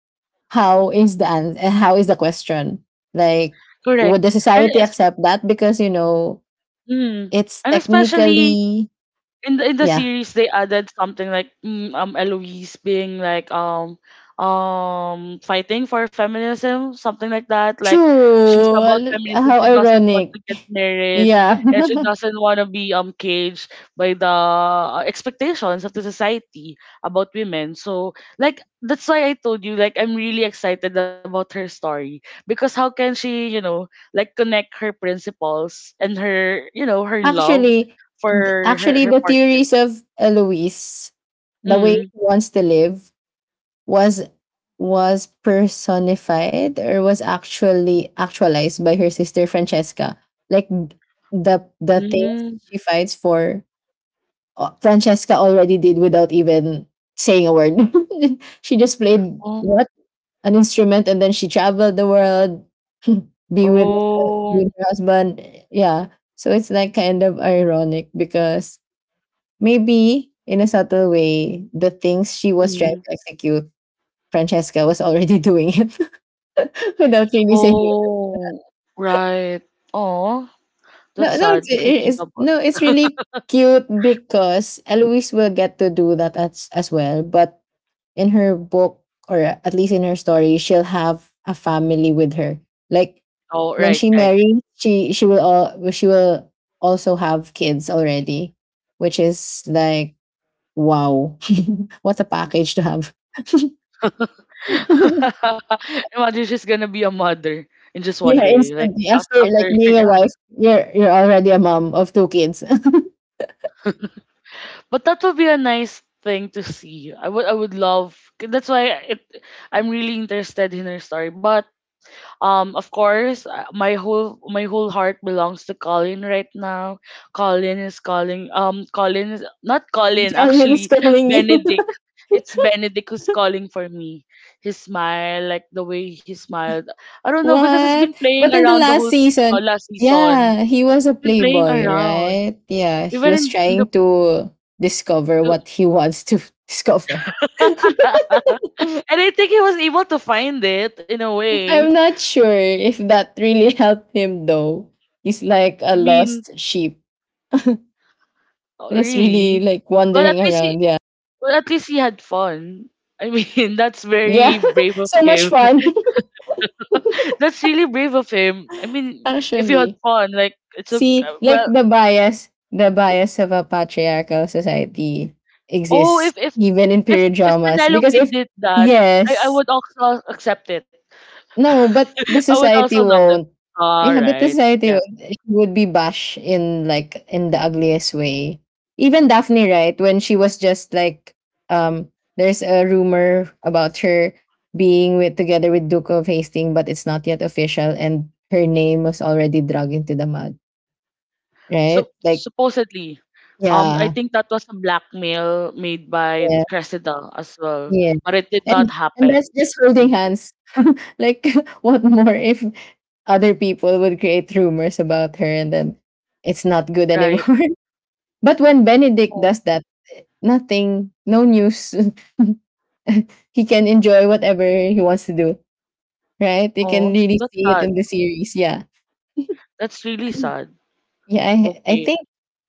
Speaker 2: how is the question? Like
Speaker 1: correct.
Speaker 2: would the
Speaker 1: And
Speaker 2: society
Speaker 1: es-
Speaker 2: accept that? Because you know,
Speaker 1: mm,
Speaker 2: it's
Speaker 1: and especially
Speaker 2: technically
Speaker 1: in the
Speaker 2: yeah.
Speaker 1: series, they added something like Eloise being like fighting for feminism, something like that. Like she's about
Speaker 2: True.
Speaker 1: feminism,
Speaker 2: How
Speaker 1: she doesn't want
Speaker 2: ironic.
Speaker 1: to get married,
Speaker 2: Yeah.
Speaker 1: and she doesn't want to be caged by the expectations of the society about women. So like that's why I told you, like, I'm really excited about her story, because how can she like connect her principles and her her love
Speaker 2: Actually,
Speaker 1: for her her
Speaker 2: the
Speaker 1: partner.
Speaker 2: theories of Eloise, the way
Speaker 1: Mhm.
Speaker 2: she wants to live was was personified or was actually actualized by her sister Francesca. Like the things
Speaker 1: Mm.
Speaker 2: she fights for, Francesca already did without even saying a word. She just played
Speaker 1: Oh.
Speaker 2: what an instrument, and then she traveled the world, be with her, be with
Speaker 1: Oh.
Speaker 2: her husband. Yeah, so it's like kind of ironic because maybe in a subtle way, the things she was trying
Speaker 1: Mhm.
Speaker 2: to execute Francesca was already doing it without really saying it.
Speaker 1: Oh, right. Oh. That's
Speaker 2: No, no, it's,
Speaker 1: sad if you think
Speaker 2: it's
Speaker 1: about
Speaker 2: no,
Speaker 1: it.
Speaker 2: it's really cute because Eloise will get to do that as well. But in her book, or at least in her story, she'll have a family with her. Like
Speaker 1: Oh,
Speaker 2: when
Speaker 1: right,
Speaker 2: she
Speaker 1: right.
Speaker 2: marries, she will also have kids already, which is like wow, what a package to have.
Speaker 1: Imagine she's gonna be a mother in just one
Speaker 2: Yeah,
Speaker 1: day, like
Speaker 2: instantly
Speaker 1: af-
Speaker 2: after
Speaker 1: after,
Speaker 2: like being a
Speaker 1: yeah.
Speaker 2: wife, you're already a mom of two kids.
Speaker 1: But that would be a nice thing to see. I would love. That's why it. I'm really interested in her story, but of course, my whole heart belongs to Colin right now. Colin is calling. Colin is not Colin,
Speaker 2: Calvin's
Speaker 1: actually.
Speaker 2: calling you.
Speaker 1: Benedict. It's Benedict who's calling for me. His smile, like the way he smiled. I don't know, because he's been
Speaker 2: What?
Speaker 1: playing
Speaker 2: But in the
Speaker 1: around the
Speaker 2: last
Speaker 1: whole
Speaker 2: season,
Speaker 1: season, last season.
Speaker 2: yeah, he was a
Speaker 1: Been playing
Speaker 2: playboy,
Speaker 1: around
Speaker 2: right? Yeah, he
Speaker 1: even in,
Speaker 2: was
Speaker 1: in the.
Speaker 2: trying to discover what he wants to discover.
Speaker 1: And I think he was able to find it in a way.
Speaker 2: I'm not sure if that really helped him though. He's like
Speaker 1: I
Speaker 2: a
Speaker 1: mean,
Speaker 2: lost sheep.
Speaker 1: oh,
Speaker 2: Just really
Speaker 1: really?
Speaker 2: like
Speaker 1: Well, at
Speaker 2: wandering
Speaker 1: least he,
Speaker 2: around, yeah.
Speaker 1: Well, at least he had fun. I mean, that's very
Speaker 2: Yeah,
Speaker 1: brave of
Speaker 2: so much
Speaker 1: him.
Speaker 2: fun,
Speaker 1: That's really brave of him. I mean, if you had
Speaker 2: actually.
Speaker 1: fun, like it's okay.
Speaker 2: See, like
Speaker 1: Well,
Speaker 2: the bias of a patriarchal society
Speaker 1: oh,
Speaker 2: exists
Speaker 1: if if
Speaker 2: even in
Speaker 1: if
Speaker 2: period
Speaker 1: if
Speaker 2: dramas. Because
Speaker 1: Penelope
Speaker 2: if
Speaker 1: did that, I
Speaker 2: yes,
Speaker 1: would also accept it.
Speaker 2: no, but the
Speaker 1: I would also
Speaker 2: society
Speaker 1: love it.
Speaker 2: won't.
Speaker 1: All
Speaker 2: Yeah, but the
Speaker 1: right.
Speaker 2: society
Speaker 1: Yes.
Speaker 2: Would be bashed in like in the ugliest way. Even Daphne, right? When she was just like, um, there's a rumor about her being with together with Duke of Hastings, but it's not yet official, and her name was already dragged into the mud, right?
Speaker 1: So
Speaker 2: Like,
Speaker 1: supposedly, I
Speaker 2: yeah.
Speaker 1: think that was a blackmail made by
Speaker 2: Yeah,
Speaker 1: Cressida as well,
Speaker 2: yeah.
Speaker 1: but it did not
Speaker 2: And and
Speaker 1: happen.
Speaker 2: that's just holding
Speaker 1: Mm.
Speaker 2: hands. Like what more if other people would create rumors about her and then it's not good
Speaker 1: Right.
Speaker 2: anymore. But when Benedict
Speaker 1: Oh,
Speaker 2: does that, nothing, no news. He can enjoy whatever he wants to do. Right? You can
Speaker 1: oh,
Speaker 2: really
Speaker 1: that's
Speaker 2: see it
Speaker 1: sad.
Speaker 2: in the series. Yeah.
Speaker 1: That's really sad.
Speaker 2: Yeah, I
Speaker 1: Okay.
Speaker 2: think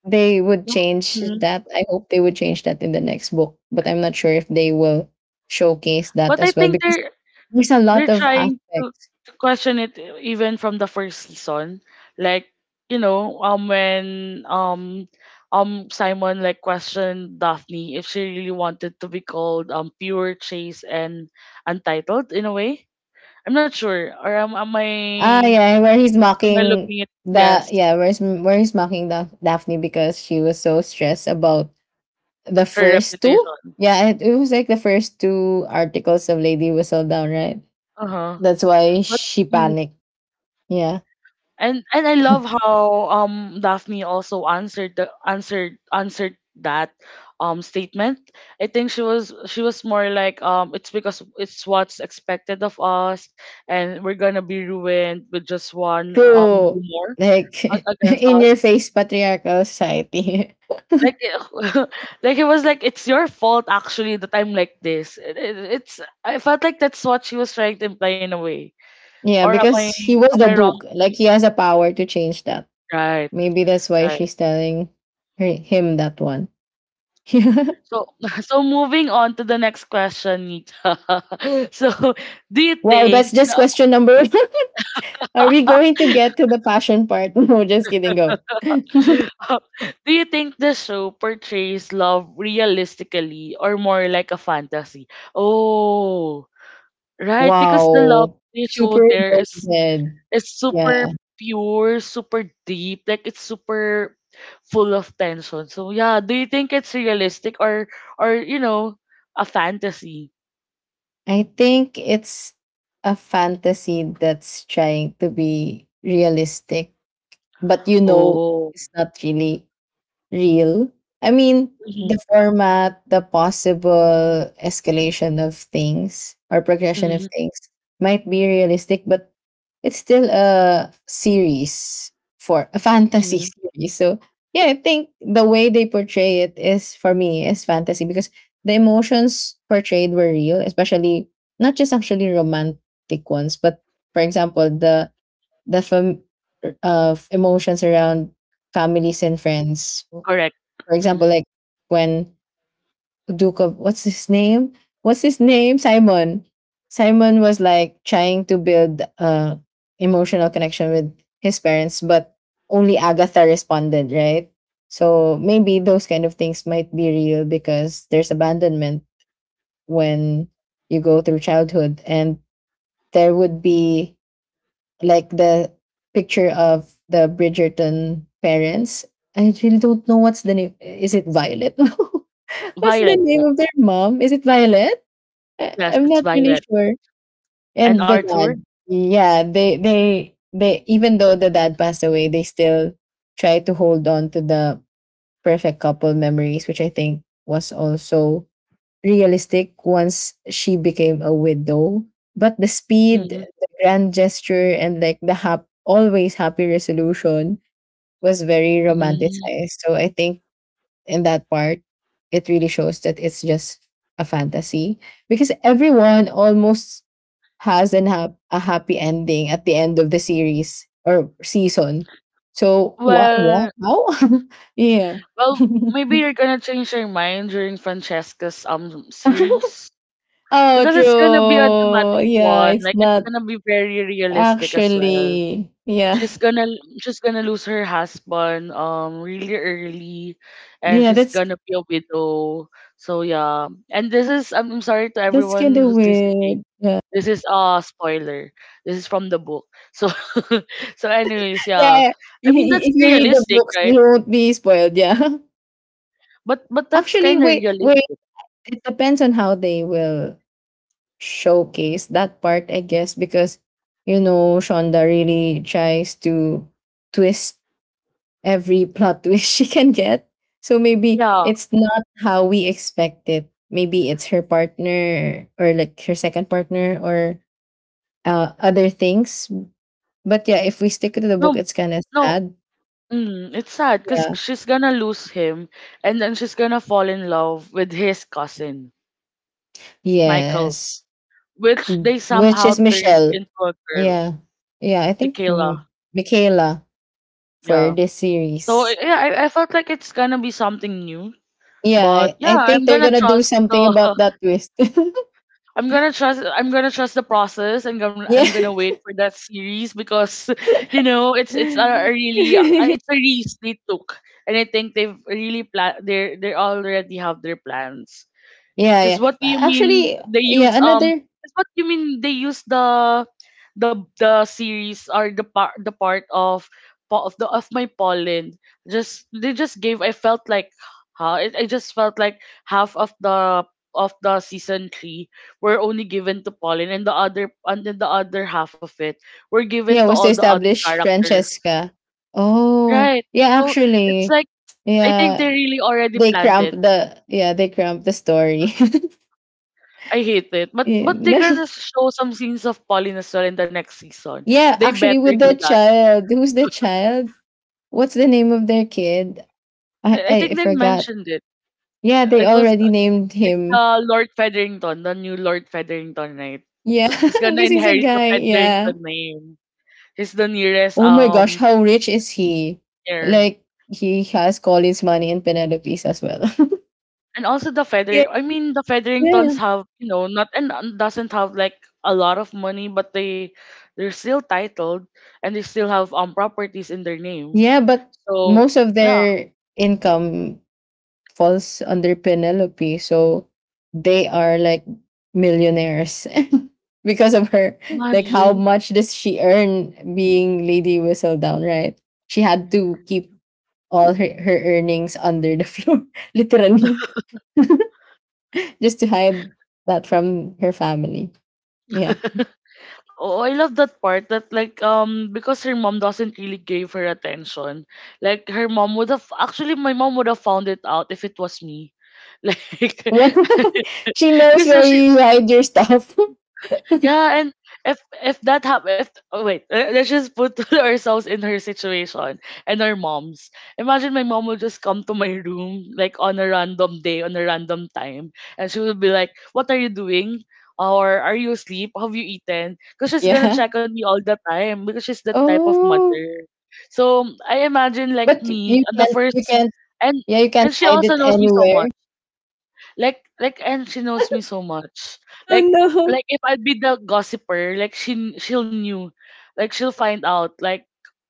Speaker 2: they would change
Speaker 1: Mhm.
Speaker 2: that. I hope they would change that in the next book, but I'm not sure if they will showcase that
Speaker 1: But I
Speaker 2: as well
Speaker 1: think
Speaker 2: because
Speaker 1: they're
Speaker 2: there's a lot
Speaker 1: they're
Speaker 2: of
Speaker 1: trying to,
Speaker 2: aspects.
Speaker 1: to question it even from the first season. Like, when Simon like questioned Daphne if she really wanted to be called pure chase and untitled in a way. I'm not sure. Or am am
Speaker 2: Ah,
Speaker 1: I
Speaker 2: yeah, where he's
Speaker 1: am I
Speaker 2: mocking
Speaker 1: looking at,
Speaker 2: the
Speaker 1: yes,
Speaker 2: yeah, where he's mocking the Daphne because she was so stressed about the
Speaker 1: her
Speaker 2: first two.
Speaker 1: reputation.
Speaker 2: Yeah, it was like the first two articles of Lady Whistledown, right?
Speaker 1: Uh-huh.
Speaker 2: That's why
Speaker 1: But
Speaker 2: she
Speaker 1: mm-hmm.
Speaker 2: panicked. Yeah,
Speaker 1: And I love how Daphne also answered the answered that statement. I think she was more like, it's because it's what's expected of us, and we're gonna be ruined with just one
Speaker 2: true.
Speaker 1: rumor
Speaker 2: Like
Speaker 1: a- against
Speaker 2: in
Speaker 1: us.
Speaker 2: your face patriarchal society.
Speaker 1: Like, like it was like, it's your fault, actually, that I'm like this. It, it's I felt like that's what she was trying to imply in a way.
Speaker 2: Yeah,
Speaker 1: Or am I
Speaker 2: because he was
Speaker 1: am
Speaker 2: the
Speaker 1: I wrong?
Speaker 2: duke. Like he has a power to change that.
Speaker 1: Right,
Speaker 2: Maybe that's why
Speaker 1: right.
Speaker 2: she's telling him that one.
Speaker 1: So, so moving on to the next question, Nita. So, do you
Speaker 2: Wow,
Speaker 1: think
Speaker 2: that's
Speaker 1: the,
Speaker 2: just question number Are we going to get to the passion part? No, just kidding. Go.
Speaker 1: do you think the show portrays love realistically or more like a fantasy? Oh, right, because the love
Speaker 2: Wow.
Speaker 1: they show
Speaker 2: Super
Speaker 1: there is
Speaker 2: loaded.
Speaker 1: is super
Speaker 2: Yeah.
Speaker 1: pure, super deep, like it's super full of tension. So, yeah, do you think it's realistic or or you know, a fantasy?
Speaker 2: I think it's a fantasy that's trying to be realistic, but you know
Speaker 1: Oh.
Speaker 2: it's not really real. I mean, the
Speaker 1: Mhm,
Speaker 2: format, the possible escalation of things or progression of
Speaker 1: mhm,
Speaker 2: things might be realistic, but it's still a series for a fantasy
Speaker 1: mhm.
Speaker 2: series. So yeah, I think the way they portray it is for me is fantasy because the emotions portrayed were real, especially not just actually romantic ones, but for example, the emotions around families and friends for
Speaker 1: Correct.
Speaker 2: example,
Speaker 1: Mhm.
Speaker 2: like when Duke of what's his name? What's his name? Simon. Simon was like trying to build a emotional connection with his parents, but only Agatha responded, right? So maybe those kind of things might be real because there's abandonment when you go through childhood and there would be like the picture of the Bridgerton parents. I really don't know what's the name. Is it Violet? What's the
Speaker 1: Violet,
Speaker 2: name of
Speaker 1: yes.
Speaker 2: their mom? Is it Violet? I,
Speaker 1: Yes,
Speaker 2: I'm
Speaker 1: it's
Speaker 2: not really
Speaker 1: Violet.
Speaker 2: sure.
Speaker 1: And
Speaker 2: And the
Speaker 1: Arthur?
Speaker 2: dad. Yeah, they even though the dad passed away, they still try to hold on to the perfect couple memories, which I think was also realistic once she became a widow. But the speed,
Speaker 1: Mhm.
Speaker 2: the grand gesture, and like the always happy resolution was very
Speaker 1: Mm.
Speaker 2: romanticized. So I think in that part, it really shows that it's just a fantasy because everyone almost has a happy ending at the end of the series or season. So what
Speaker 1: Well,
Speaker 2: how? Yeah.
Speaker 1: well, maybe you're gonna change your mind during Francesca's series,
Speaker 2: Oh,
Speaker 1: because it's gonna be a dramatic
Speaker 2: true. Yeah,
Speaker 1: one.
Speaker 2: it's
Speaker 1: Like it's
Speaker 2: not
Speaker 1: gonna be very realistic as well.
Speaker 2: actually. Yeah.
Speaker 1: She's gonna she's gonna lose her husband really early, and
Speaker 2: Yeah,
Speaker 1: she's
Speaker 2: that's
Speaker 1: gonna be a widow. So yeah, and this is I'm sorry to
Speaker 2: that's kind
Speaker 1: everyone
Speaker 2: of
Speaker 1: who's
Speaker 2: weird.
Speaker 1: listening.
Speaker 2: Yeah.
Speaker 1: This is a spoiler. This is from the book. So so anyways, yeah.
Speaker 2: Yeah,
Speaker 1: I mean that's
Speaker 2: if you read the
Speaker 1: realistic,
Speaker 2: books,
Speaker 1: right?
Speaker 2: you won't be spoiled. Yeah.
Speaker 1: But that's
Speaker 2: Actually,
Speaker 1: kind of
Speaker 2: wait, wait.
Speaker 1: realistic.
Speaker 2: It depends on how they will showcase that part, I guess, because you know Shonda really tries to twist every plot twist she can get. So maybe
Speaker 1: Yeah.
Speaker 2: it's not how we expect it. Maybe it's her partner or like her second partner or other things. But yeah, if we stick to the book,
Speaker 1: No,
Speaker 2: it's kind of
Speaker 1: no,
Speaker 2: sad.
Speaker 1: it's sad, cuz
Speaker 2: Yeah.
Speaker 1: she's going to lose him, and then she's going to fall in love with his cousin, Michael,
Speaker 2: Yes.
Speaker 1: which they
Speaker 2: Which
Speaker 1: somehow
Speaker 2: is
Speaker 1: turned
Speaker 2: Michelle.
Speaker 1: into a girl,
Speaker 2: Yeah. Yeah. I think
Speaker 1: Michaela.
Speaker 2: Michaela. For
Speaker 1: Yeah.
Speaker 2: this
Speaker 1: So
Speaker 2: series.
Speaker 1: yeah, I felt like it's going to be something new.
Speaker 2: Yeah,
Speaker 1: But
Speaker 2: I,
Speaker 1: yeah,
Speaker 2: I think
Speaker 1: I'm
Speaker 2: they're
Speaker 1: going to
Speaker 2: gonna do
Speaker 1: trust
Speaker 2: something
Speaker 1: the
Speaker 2: about that twist.
Speaker 1: I'm gonna trust the process, and I'm
Speaker 2: Yeah.
Speaker 1: gonna wait for that series because it's a really
Speaker 2: Yeah,
Speaker 1: it's a risk they took. And I think they've really plan they already have their plans. Because
Speaker 2: yeah. Yeah, another
Speaker 1: What do you mean they use the the series, or the part of of the of my pollen? Just they just gave. I felt like I just felt like half of the season three were only given to pollen, and the other half of it were given to
Speaker 2: yeah was
Speaker 1: all
Speaker 2: to
Speaker 1: the other
Speaker 2: establish
Speaker 1: characters.
Speaker 2: Francesca. Oh,
Speaker 1: Right.
Speaker 2: yeah,
Speaker 1: So it's
Speaker 2: actually.
Speaker 1: like I think they
Speaker 2: Yeah.
Speaker 1: really already
Speaker 2: They
Speaker 1: planned
Speaker 2: cramp
Speaker 1: it.
Speaker 2: the Yeah, they cramp the story.
Speaker 1: I hate it. But
Speaker 2: Yeah,
Speaker 1: but they're gonna show some scenes of Pauline as well in the next season.
Speaker 2: yeah,
Speaker 1: They
Speaker 2: actually
Speaker 1: better
Speaker 2: with
Speaker 1: do
Speaker 2: the
Speaker 1: that.
Speaker 2: child. Who's the child? What's the name of their kid? I
Speaker 1: I
Speaker 2: I
Speaker 1: think they
Speaker 2: forgot.
Speaker 1: mentioned it.
Speaker 2: Yeah, they
Speaker 1: It was
Speaker 2: already named
Speaker 1: it's
Speaker 2: him.
Speaker 1: Lord Featherington, the new Lord Featherington, right?
Speaker 2: Yeah,
Speaker 1: He's gonna
Speaker 2: because he's a
Speaker 1: inherit the
Speaker 2: guy.
Speaker 1: Featherington
Speaker 2: Yeah.
Speaker 1: name. He's the nearest
Speaker 2: Oh my gosh, how rich is he?
Speaker 1: heir.
Speaker 2: Like he has Colin's money and Penelope's as well.
Speaker 1: And also
Speaker 2: Yeah,
Speaker 1: The
Speaker 2: yeah,
Speaker 1: Featheringtons have, you know, not and and doesn't have like a lot of money, but they're still titled and they still have properties in their name.
Speaker 2: yeah. But
Speaker 1: So
Speaker 2: most of
Speaker 1: yeah,
Speaker 2: their income falls under Penelope, so they are like millionaires because of her. Like how
Speaker 1: imagine.
Speaker 2: much does she earn being Lady Whistledown? Right? She had to keep all her earnings under the floor, literally. Just to hide that from her family. Yeah.
Speaker 1: Oh, I love that part that like because her mom doesn't really give her attention. Like her mom would have actually my mom would have found it out if it was me. Like
Speaker 2: She knows
Speaker 1: because
Speaker 2: where you hide your stuff.
Speaker 1: yeah, and if if that happen, if oh wait, le- let's just put ourselves in her situation and our moms. Imagine my mom would just come to my room like on a random day, on a random time, and she would be like, "What are you doing? Or are you asleep? Have you eaten?" Because she's gonna
Speaker 2: Yeah.
Speaker 1: check on me all the time because she's that type of
Speaker 2: Oh,
Speaker 1: mother. So I imagine like
Speaker 2: but
Speaker 1: me,
Speaker 2: you
Speaker 1: the
Speaker 2: can't. You
Speaker 1: first,
Speaker 2: can't.
Speaker 1: and
Speaker 2: Yeah, you can't
Speaker 1: and she
Speaker 2: hide
Speaker 1: also
Speaker 2: it
Speaker 1: knows me so
Speaker 2: anywhere.
Speaker 1: much like and she knows me so much.
Speaker 2: Oh
Speaker 1: Like
Speaker 2: no,
Speaker 1: like if I'd be the gossiper, like she'll knew. Like she'll find out like,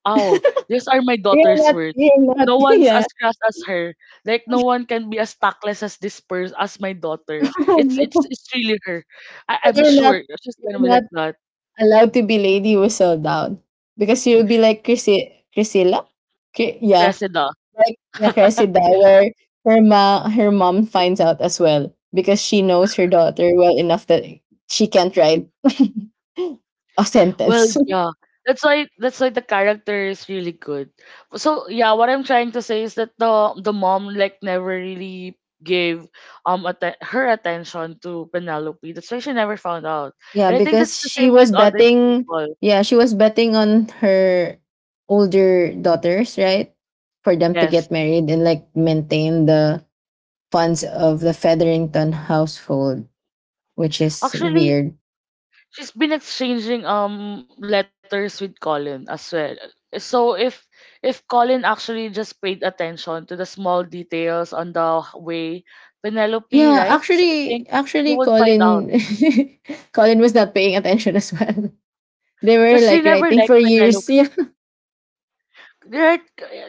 Speaker 1: "Oh, these are my
Speaker 2: you're
Speaker 1: daughter's
Speaker 2: not.
Speaker 1: words.
Speaker 2: You're not.
Speaker 1: No one's
Speaker 2: Yeah.
Speaker 1: as crass as her. Like no one can be as tactless as this person as my daughter.
Speaker 2: Oh
Speaker 1: It's it's
Speaker 2: no,
Speaker 1: it's really her.
Speaker 2: so
Speaker 1: I'm
Speaker 2: you're not.
Speaker 1: sure she's gonna
Speaker 2: You're
Speaker 1: be
Speaker 2: not
Speaker 1: like that.
Speaker 2: allowed to be Lady Whistle Down because you'll be like Chrissy, Priscilla. Yeah,
Speaker 1: Cressida.
Speaker 2: like the Cressida, where her mom finds out as well because she knows her daughter well enough that she can't write a
Speaker 1: Well,
Speaker 2: sentence.
Speaker 1: yeah. That's why the character is really good. So yeah, what I'm trying to say is that the mom like never really gave her attention to Penelope. That's why she never found out.
Speaker 2: Yeah,
Speaker 1: And I think
Speaker 2: because
Speaker 1: that's the
Speaker 2: she
Speaker 1: same
Speaker 2: was
Speaker 1: with other
Speaker 2: betting.
Speaker 1: people.
Speaker 2: Yeah, she was betting on her older daughters, right, for them to
Speaker 1: Yes.
Speaker 2: get married and like maintain the funds of the Featherington household, which is
Speaker 1: Actually,
Speaker 2: weird.
Speaker 1: she's been exchanging letters with Colin as well. So if Colin actually just paid attention to the small details on the way Penelope
Speaker 2: Yeah,
Speaker 1: writes, I
Speaker 2: actually,
Speaker 1: think he
Speaker 2: actually,
Speaker 1: would find out.
Speaker 2: Colin, Colin was not paying attention as well. They
Speaker 1: Because
Speaker 2: were
Speaker 1: she
Speaker 2: like
Speaker 1: never
Speaker 2: writing
Speaker 1: liked
Speaker 2: for
Speaker 1: Penelope.
Speaker 2: years. Yeah.
Speaker 1: Right?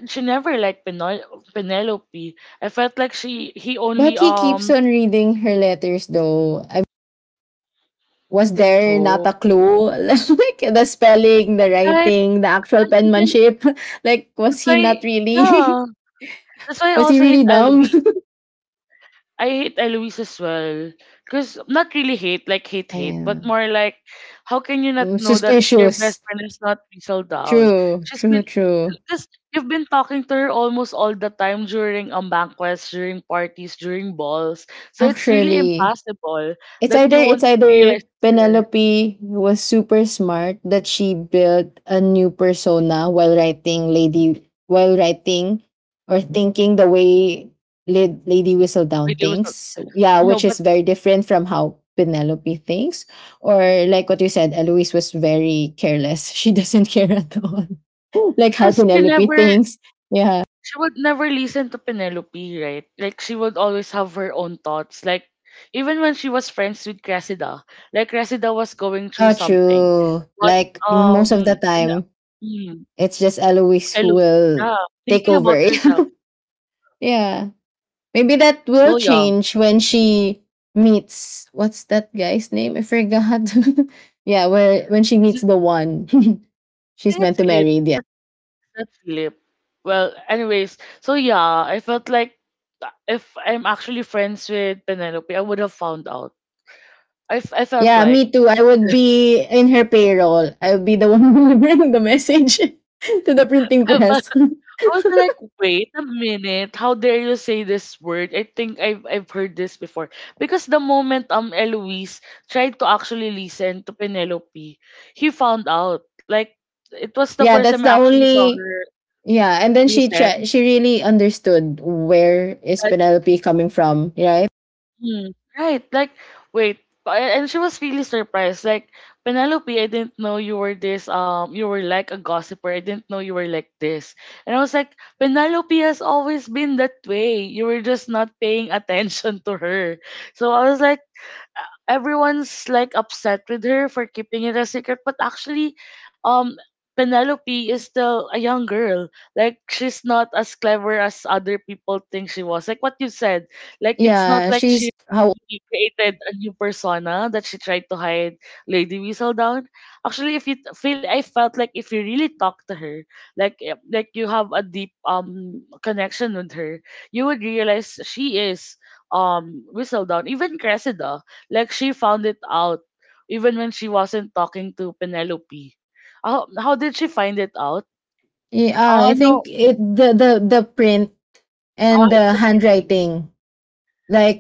Speaker 1: She never liked Penelope. I felt like she he only
Speaker 2: But he keeps on reading her letters though. I was there
Speaker 1: oh
Speaker 2: not a clue? Like the spelling, the
Speaker 1: right
Speaker 2: writing, the actual
Speaker 1: and even
Speaker 2: penmanship. Like
Speaker 1: that's
Speaker 2: was he
Speaker 1: why
Speaker 2: not really
Speaker 1: yeah that's why I
Speaker 2: was he
Speaker 1: also hate
Speaker 2: really dumb?
Speaker 1: Eloise. I hate Eloise as well. Because not really hate, like hate, hate, but
Speaker 2: Yeah.
Speaker 1: more like, how can you not
Speaker 2: Mm,
Speaker 1: know that your best
Speaker 2: suspicious.
Speaker 1: friend is not Rizal Down?
Speaker 2: True,
Speaker 1: She's
Speaker 2: true,
Speaker 1: been,
Speaker 2: true.
Speaker 1: because you've been talking to her almost all the time during banquets, during parties, during balls. So it's really
Speaker 2: Actually,
Speaker 1: impossible
Speaker 2: It's
Speaker 1: that
Speaker 2: either
Speaker 1: you
Speaker 2: it's
Speaker 1: won't
Speaker 2: either
Speaker 1: realize it's her.
Speaker 2: Penelope was super smart that she built a new persona while writing Lady while writing, or thinking the way Lady Whistledown
Speaker 1: Wait, it was not,
Speaker 2: thinks. Yeah,
Speaker 1: no,
Speaker 2: which is
Speaker 1: but
Speaker 2: very different from how Penelope thinks. Or like what you said, Eloise was very careless. She doesn't care at all. Like how
Speaker 1: because she
Speaker 2: Penelope
Speaker 1: never
Speaker 2: thinks. Yeah.
Speaker 1: she would never listen to Penelope, right? Like she would always have her own thoughts. Like even when she was friends with Cressida, like Cressida was going through
Speaker 2: Oh,
Speaker 1: something,
Speaker 2: true.
Speaker 1: but
Speaker 2: Like most of
Speaker 1: um,
Speaker 2: the
Speaker 1: Pene-
Speaker 2: time,
Speaker 1: mm,
Speaker 2: it's just Eloise who
Speaker 1: Eloise, yeah,
Speaker 2: will take
Speaker 1: thinking about
Speaker 2: over.
Speaker 1: herself,
Speaker 2: Yeah. Maybe that will
Speaker 1: so young.
Speaker 2: change when she meets what's that guy's name? I forgot. Yeah, where when she
Speaker 1: Is
Speaker 2: meets
Speaker 1: it?
Speaker 2: the one
Speaker 1: I
Speaker 2: she's
Speaker 1: think it's
Speaker 2: meant to
Speaker 1: Philip.
Speaker 2: marry. Yeah.
Speaker 1: That's that's Philip. Well, anyways, so yeah, I felt like if I'm actually friends with Penelope, I would have found out. I felt
Speaker 2: Yeah,
Speaker 1: like
Speaker 2: me too. I would be in her payroll. I would be the one delivering the message to the printing press.
Speaker 1: I was like, wait a minute, how dare you say this word? I think I've heard this before. Because the moment Eloise tried to actually listen to Penelope, he found out. Like it was the
Speaker 2: Yeah,
Speaker 1: first time
Speaker 2: that's
Speaker 1: I
Speaker 2: the
Speaker 1: actually saw
Speaker 2: only
Speaker 1: her
Speaker 2: yeah, and then
Speaker 1: listen.
Speaker 2: she really understood where is Penelope coming from, right?
Speaker 1: Hmm. Right. Like, wait. And she was really surprised. Like, Penelope, I didn't know you were this, you were like a gossiper. I didn't know you were like this. And I was like, Penelope has always been that way. You were just not paying attention to her. So I was like, everyone's like upset with her for keeping it a secret, but actually um penelope is still a young girl. Like she's not as clever as other people think she was, like what you said. Like it's not
Speaker 2: Yeah,
Speaker 1: like she
Speaker 2: she's how
Speaker 1: created a new persona that she tried to hide lady whistledown. Actually, if you t- feel I felt like if you really talk to her, like like you have a deep connection with her, you would realize she is whistledown. Even cressida, like she found it out even when she wasn't talking to Penelope. How did she find it out?
Speaker 2: yeah,
Speaker 1: Oh
Speaker 2: I
Speaker 1: no,
Speaker 2: think it the print
Speaker 1: ah,
Speaker 2: and
Speaker 1: it's
Speaker 2: the
Speaker 1: the painting.
Speaker 2: handwriting,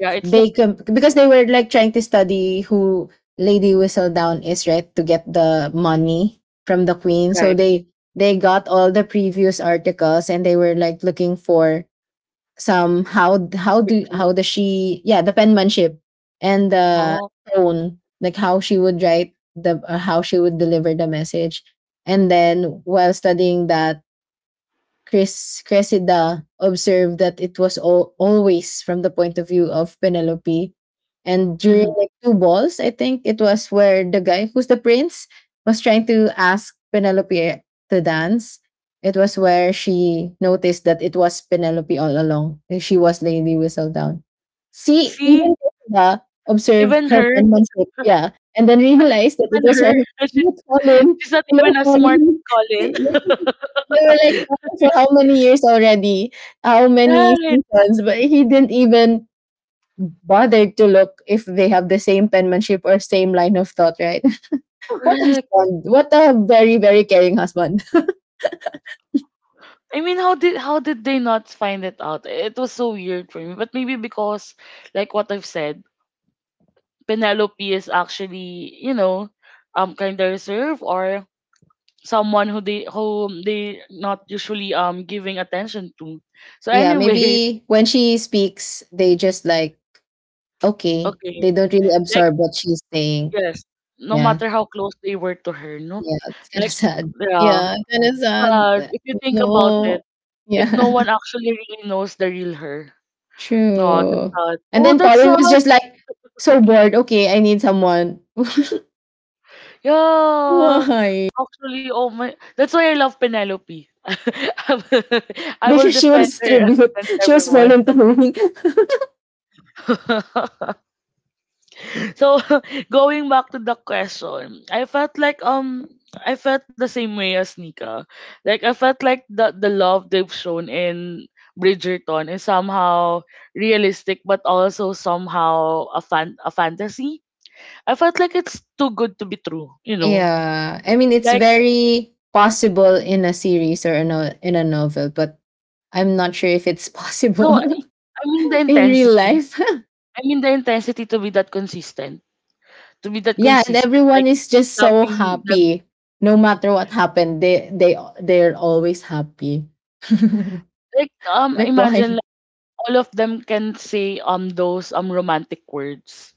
Speaker 1: Yeah, it's the
Speaker 2: they
Speaker 1: painting,
Speaker 2: can because they were like trying to study who Lady Whistledown is, right, to get the money from the queen,
Speaker 1: right?
Speaker 2: so they got all the previous articles and they were like looking for some how
Speaker 1: Because
Speaker 2: does she yeah the penmanship and the
Speaker 1: oh,
Speaker 2: tone, like how she would write the how she would deliver the message, and then while studying that Chris Cressida observed that it was always from the point of view of Penelope. And during
Speaker 1: mhm.
Speaker 2: like two balls, I think it was where the guy who's the prince was trying to ask Penelope to dance. It was where she noticed that it was Penelope all along. And she was Lady Whistledown. See,
Speaker 1: See,
Speaker 2: even Cressida observed her
Speaker 1: even
Speaker 2: penmanship, yeah, and then realized that it was
Speaker 1: her,
Speaker 2: her. Hello,
Speaker 1: she's,
Speaker 2: Colin.
Speaker 1: she's not
Speaker 2: Hello,
Speaker 1: even as smart
Speaker 2: Colin.
Speaker 1: as Colin.
Speaker 2: They were like talking for how many years already, how many
Speaker 1: Right,
Speaker 2: seasons, but he didn't even bother to look if they have the same penmanship or same line of thought, right? What a
Speaker 1: correct.
Speaker 2: husband. What a very, very caring husband.
Speaker 1: I mean, how did they not find it out? It was so weird for me. But maybe because, like what I've said, Penelope is actually, you know, kind of reserved, or someone who they not usually giving attention to. So
Speaker 2: Yeah,
Speaker 1: anyway,
Speaker 2: maybe when she speaks, they just like, okay,
Speaker 1: okay,
Speaker 2: they don't really
Speaker 1: like
Speaker 2: absorb what she's saying.
Speaker 1: yes, no
Speaker 2: Yeah,
Speaker 1: matter how close they were to her, no,
Speaker 2: yeah, it's kind of
Speaker 1: like
Speaker 2: sad.
Speaker 1: yeah,
Speaker 2: Yeah, kind of
Speaker 1: it's
Speaker 2: sad.
Speaker 1: if you think about
Speaker 2: No.
Speaker 1: it, like no
Speaker 2: Yeah.
Speaker 1: one actually really knows the real her. No, that's
Speaker 2: True.
Speaker 1: sad.
Speaker 2: And
Speaker 1: Oh,
Speaker 2: then
Speaker 1: that's
Speaker 2: Colin was
Speaker 1: sad.
Speaker 2: just like so bored. Okay, I need someone.
Speaker 1: Yeah,
Speaker 2: Why?
Speaker 1: actually, oh my, that's why I love Penelope. I will I will
Speaker 2: Because she
Speaker 1: defend
Speaker 2: was
Speaker 1: her
Speaker 2: tribute.
Speaker 1: against
Speaker 2: She was
Speaker 1: everyone.
Speaker 2: volunteering.
Speaker 1: so going back to the question, I felt like I felt the same way as Nika. Like I felt like the love they've shown in Bridgerton is somehow realistic but also somehow a fantasy. I felt like it's too good to be true, you know.
Speaker 2: Yeah, I mean it's
Speaker 1: Like
Speaker 2: very possible in a series or in a novel, but I'm not sure if it's
Speaker 1: no,
Speaker 2: possible
Speaker 1: I mean the
Speaker 2: in real
Speaker 1: intensity.
Speaker 2: life.
Speaker 1: I mean the intensity to be that consistent,
Speaker 2: Yeah, and everyone
Speaker 1: like
Speaker 2: is just so
Speaker 1: loving them.
Speaker 2: happy. No matter what happened, they're always happy.
Speaker 1: Like
Speaker 2: Like
Speaker 1: imagine
Speaker 2: why?
Speaker 1: like, all of them can say those romantic words.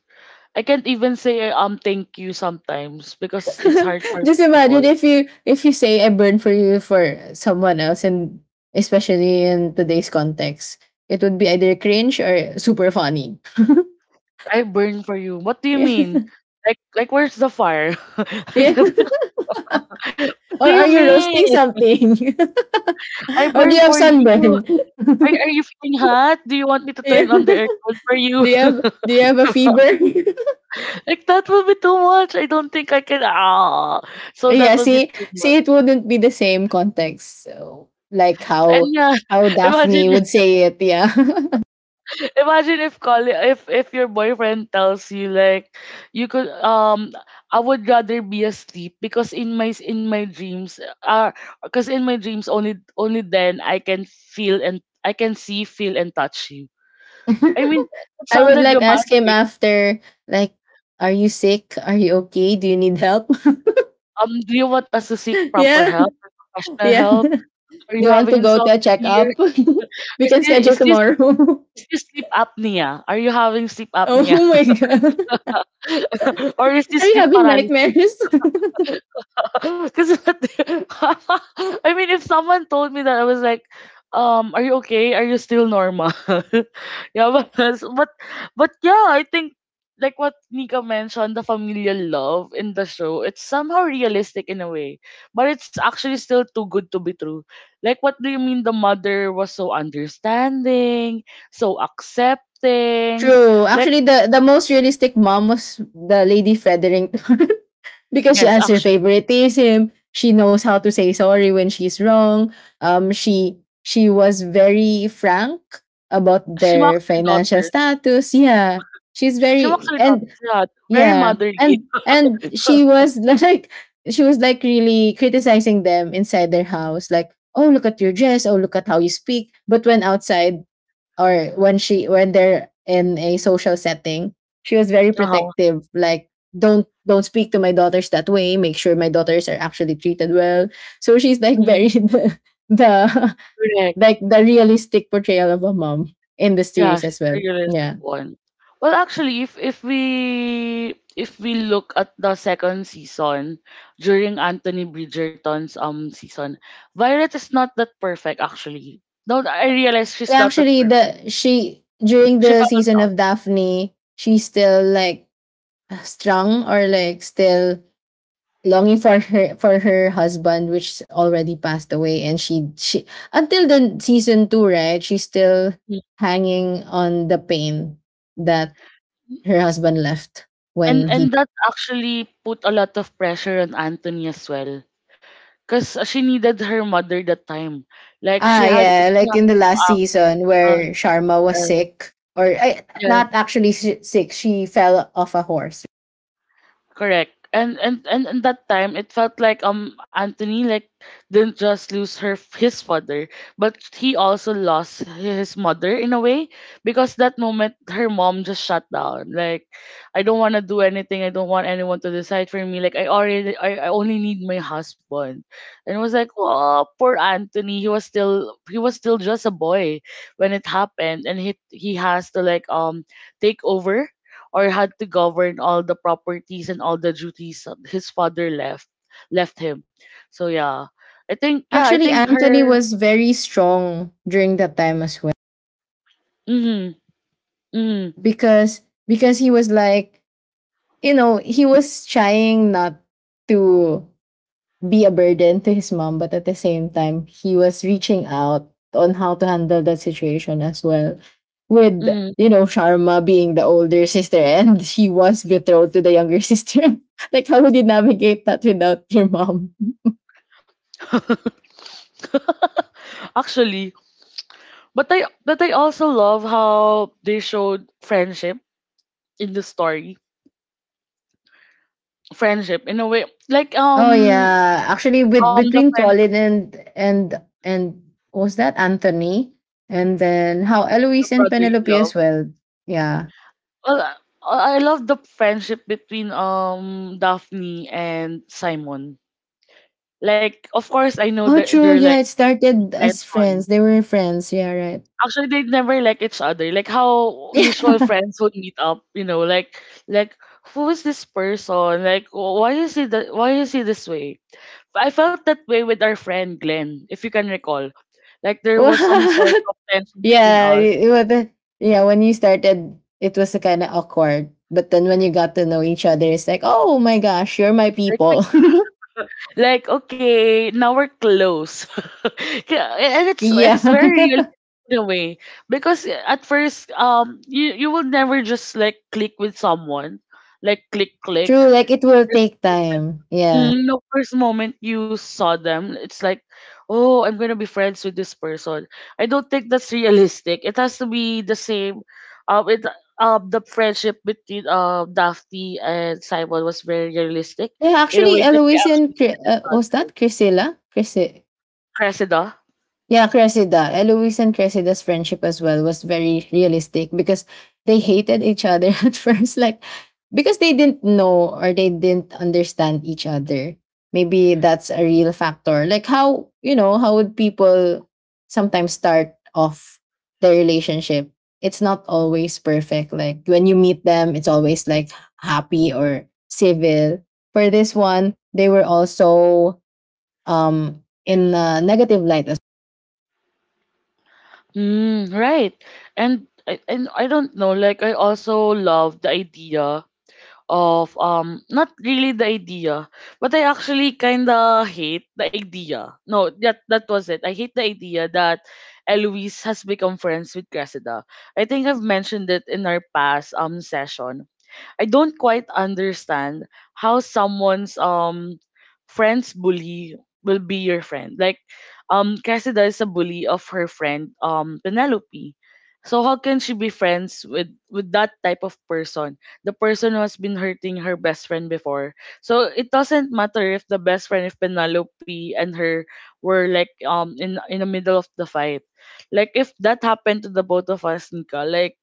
Speaker 1: I can't even say thank you sometimes because it's hard for me
Speaker 2: Just imagine
Speaker 1: before.
Speaker 2: if you say I burn for you for someone else, and especially in today's context, it would be either cringe or super funny.
Speaker 1: I burn for you. What do you
Speaker 2: Yeah.
Speaker 1: mean? Like where's the fire?
Speaker 2: Yeah.
Speaker 1: Like, what do
Speaker 2: Or
Speaker 1: you
Speaker 2: are you
Speaker 1: mean?
Speaker 2: roasting something?
Speaker 1: I
Speaker 2: Or do
Speaker 1: burn
Speaker 2: you have
Speaker 1: for you.
Speaker 2: sunburn?
Speaker 1: Are you feeling hot? Do you want me to
Speaker 2: Yeah.
Speaker 1: turn on the aircon for you?
Speaker 2: do you have do you have a fever?
Speaker 1: Like, that will be too much. I don't think I can. Ah, so that
Speaker 2: Yeah,
Speaker 1: will be
Speaker 2: see
Speaker 1: too much.
Speaker 2: see it wouldn't be the same context. So like
Speaker 1: And yeah,
Speaker 2: how
Speaker 1: imagine,
Speaker 2: Daphne would say it, yeah.
Speaker 1: imagine if call if your boyfriend tells you like, you could I would rather be asleep because in my dreams, because in my dreams, only only then I can feel and I can see, feel and touch you. I mean, it
Speaker 2: I would
Speaker 1: sounded
Speaker 2: like ask him
Speaker 1: romantic.
Speaker 2: after, like, are you sick? Are you okay? Do you need help?
Speaker 1: Do you want us to seek proper
Speaker 2: Yeah,
Speaker 1: help, professional
Speaker 2: yeah.
Speaker 1: help?
Speaker 2: Do
Speaker 1: Are
Speaker 2: you
Speaker 1: you
Speaker 2: want
Speaker 1: having
Speaker 2: to go to a
Speaker 1: insomnia here?
Speaker 2: checkup? We
Speaker 1: is
Speaker 2: can
Speaker 1: this,
Speaker 2: schedule
Speaker 1: is this
Speaker 2: tomorrow.
Speaker 1: Is this sleep apnea? Are you having sleep apnea?
Speaker 2: Oh my god,
Speaker 1: or is this
Speaker 2: are you
Speaker 1: sleep
Speaker 2: having
Speaker 1: paralysis?
Speaker 2: nightmares?
Speaker 1: Because I mean, if someone told me that, I was like, are you okay? Are you still normal? yeah, but but yeah, I think like what Nika mentioned, the familial love in the show, it's somehow realistic in a way, but it's actually still too good to be true. Like, what do you mean the mother was so understanding, so accepting?
Speaker 2: True.
Speaker 1: Like
Speaker 2: Actually, the most realistic mom was the Lady Fredering. Because she
Speaker 1: yes,
Speaker 2: answers
Speaker 1: actually.
Speaker 2: favoritism. She knows how to say sorry when she's wrong. She was very frank about
Speaker 1: She
Speaker 2: their
Speaker 1: mocks her
Speaker 2: financial
Speaker 1: daughter.
Speaker 2: status. Yeah, she's
Speaker 1: She mocks
Speaker 2: very
Speaker 1: her daughter.
Speaker 2: and
Speaker 1: Yeah, very
Speaker 2: yeah
Speaker 1: motherly.
Speaker 2: and she was like she was like really criticizing them inside their house, like oh look at your dress, oh look at how you speak. But when outside, or when they're in a social setting, she was very
Speaker 1: Uh-huh.
Speaker 2: protective. Like, don't speak to my daughters that way. Make sure my daughters are actually treated well. So she's like
Speaker 1: Mm,
Speaker 2: very the
Speaker 1: correct.
Speaker 2: like the realistic portrayal of a mom in the
Speaker 1: Yeah,
Speaker 2: series
Speaker 1: she's
Speaker 2: as well.
Speaker 1: regular like
Speaker 2: Yeah.
Speaker 1: one. Well, actually, if we look at the second season during Anthony Bridgerton's season, Violet is not that perfect actually. No, I realize she's not that
Speaker 2: Actually,
Speaker 1: perfect.
Speaker 2: the she during
Speaker 1: She
Speaker 2: the
Speaker 1: found
Speaker 2: season
Speaker 1: out,
Speaker 2: of Daphne, she's still like strong or like still longing for her husband which already passed away, and she until the season 2, right, she's still
Speaker 1: Mm.
Speaker 2: hanging on the pain that her husband left
Speaker 1: and
Speaker 2: when he
Speaker 1: and that actually put a lot of pressure on Anthony as well. Because she needed her mother that time. Like
Speaker 2: ah
Speaker 1: she
Speaker 2: yeah like
Speaker 1: had
Speaker 2: in the
Speaker 1: to
Speaker 2: last
Speaker 1: act.
Speaker 2: season
Speaker 1: Uh,
Speaker 2: where Sharma was
Speaker 1: uh,
Speaker 2: sick or
Speaker 1: yes.
Speaker 2: not actually sick, she fell off a horse.
Speaker 1: Correct. And and in that time, it felt like Anthony like didn't just lose her his father, but he also lost his mother in a way because that moment her mom just shut down. Like, I don't want to do anything. I don't want anyone to decide for me. Like, I only need my husband. And it was like, oh, poor Anthony. He was still just a boy when it happened, and he has to take over or had to govern all the properties and all the duties that his father left him. So yeah, I
Speaker 2: Actually,
Speaker 1: think
Speaker 2: Anthony
Speaker 1: her.
Speaker 2: was very strong during that time as well,
Speaker 1: Mm, mm,
Speaker 2: because he was like you know he was trying not to be a burden to his mom, but at the same time, he was reaching out on how to handle that situation as well. With,
Speaker 1: mm.
Speaker 2: you know, Sharma being the older sister and he was betrothed to the younger sister. Like, how would you navigate that without your mom?
Speaker 1: Actually, but I also love how they showed friendship in the story. Friendship in a way, like
Speaker 2: Oh
Speaker 1: um
Speaker 2: yeah, actually, with
Speaker 1: um the
Speaker 2: between
Speaker 1: friendship
Speaker 2: Colin and what was that Anthony, and then how
Speaker 1: the
Speaker 2: Eloise and
Speaker 1: brother in
Speaker 2: Penelope
Speaker 1: love.
Speaker 2: as well. Yeah,
Speaker 1: Well, I love the friendship between Daphne and Simon. Like of course I know
Speaker 2: oh,
Speaker 1: that
Speaker 2: true.
Speaker 1: they're like
Speaker 2: Yeah, it started as
Speaker 1: intention.
Speaker 2: friends. They were friends. Yeah, right.
Speaker 1: Actually, they never like each other. Like how usual friends would meet up, you know, like who is this person? Like why is he that? Why is he this way? I felt that way with our friend Glenn, if you can recall. Like there was some sort
Speaker 2: What?
Speaker 1: of tension between
Speaker 2: Yeah,
Speaker 1: us.
Speaker 2: it was the, yeah, when you started, it was kind of awkward. But then when you got to know each other, it's like, oh my gosh, you're my
Speaker 1: Like we
Speaker 2: people.
Speaker 1: like okay now we're close. Yeah, and it's
Speaker 2: Yeah.
Speaker 1: it's very real in a way because at first you will never just like click with someone like click click.
Speaker 2: True, like it will take time. Yeah.
Speaker 1: Mm, the first moment you saw them, it's like, oh, I'm gonna be friends with this person. I don't think that's realistic. It has to be the same. It the friendship between Daphne and Simon was very realistic
Speaker 2: Yeah,
Speaker 1: in a
Speaker 2: actually,
Speaker 1: way that they
Speaker 2: Eloise and
Speaker 1: actually needed each
Speaker 2: Was
Speaker 1: other.
Speaker 2: that Priscilla? Chris
Speaker 1: Cressida.
Speaker 2: Yeah, Cressida. Eloise and Cressida's friendship as well was very realistic because they hated each other at first. Like, because they didn't know or they didn't understand each other. Maybe that's a real factor. Like, how, you know, how would people sometimes start off their relationship? It's not always perfect. Like, when you meet them, it's always like happy or civil. For this one, they were also um in a negative light.
Speaker 1: Mm, right. And I don't know, like I also love the idea of not really the idea, but I actually kinda hate the idea. No, that that was it. I hate the idea that Eloise has become friends with Cressida. I think I've mentioned it in our past session. I don't quite understand how someone's friend's bully will be your friend. Like Cressida is a bully of her friend Penelope. So how can she be friends with that type of person? The person who has been hurting her best friend before. So it doesn't matter if the best friend if Penelope and her were like in the middle of the fight. Like if that happened to the both of us, Nika, like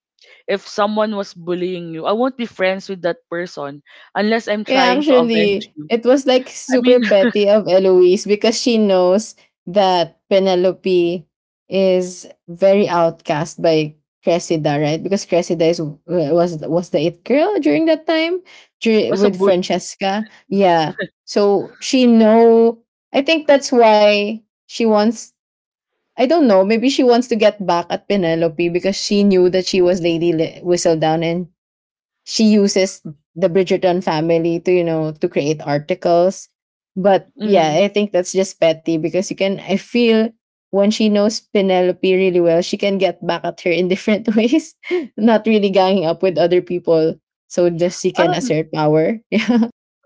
Speaker 1: if someone was bullying you, I won't be friends with that person unless I'm
Speaker 2: Yeah,
Speaker 1: trying to avenge
Speaker 2: actually,
Speaker 1: you.
Speaker 2: it was like
Speaker 1: I
Speaker 2: super
Speaker 1: mean,
Speaker 2: petty of Eloise because she knows that Penelope is very outcast by Cressida, right? Because Cressida is was the it girl during that time
Speaker 1: what's a
Speaker 2: with
Speaker 1: bully?
Speaker 2: Francesca. Yeah, so she know. I think that's why she wants. I don't know. Maybe she wants to get back at Penelope because she knew that she was Lady Whistledown and she uses the Bridgerton family to, you know, to create articles. But
Speaker 1: Mm-hmm.
Speaker 2: yeah, I think that's just petty because you can, I feel when she knows Penelope really well, she can get back at her in different ways, not really ganging up with other people. So just she can assert power.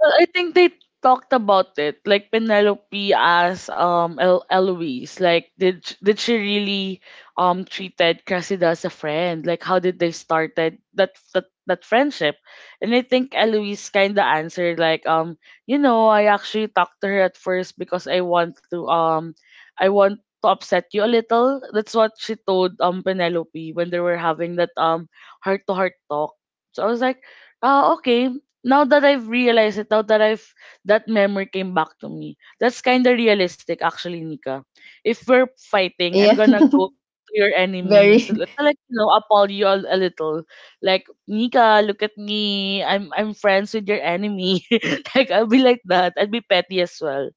Speaker 1: Well, I think they talked about it, like Penelope as Eloise. Like, did she really treated Cressida as a friend? Like, how did they started that that friendship? And I think Eloise kind of answered like, you know, I actually talked to her at first because I want to upset you a little. That's what she told Penelope when they were having that heart to heart talk. So I was like, ah, okay, now that I've realized it, now that I've that memory came back to me, that's kind of realistic actually, Nika. If we're fighting, I'm
Speaker 2: Yeah,
Speaker 1: gonna go to your enemy to,
Speaker 2: very
Speaker 1: to like appall you a little. Like Nika, look at me. I'm friends with your enemy. like I'll be like that. I'd be petty as well.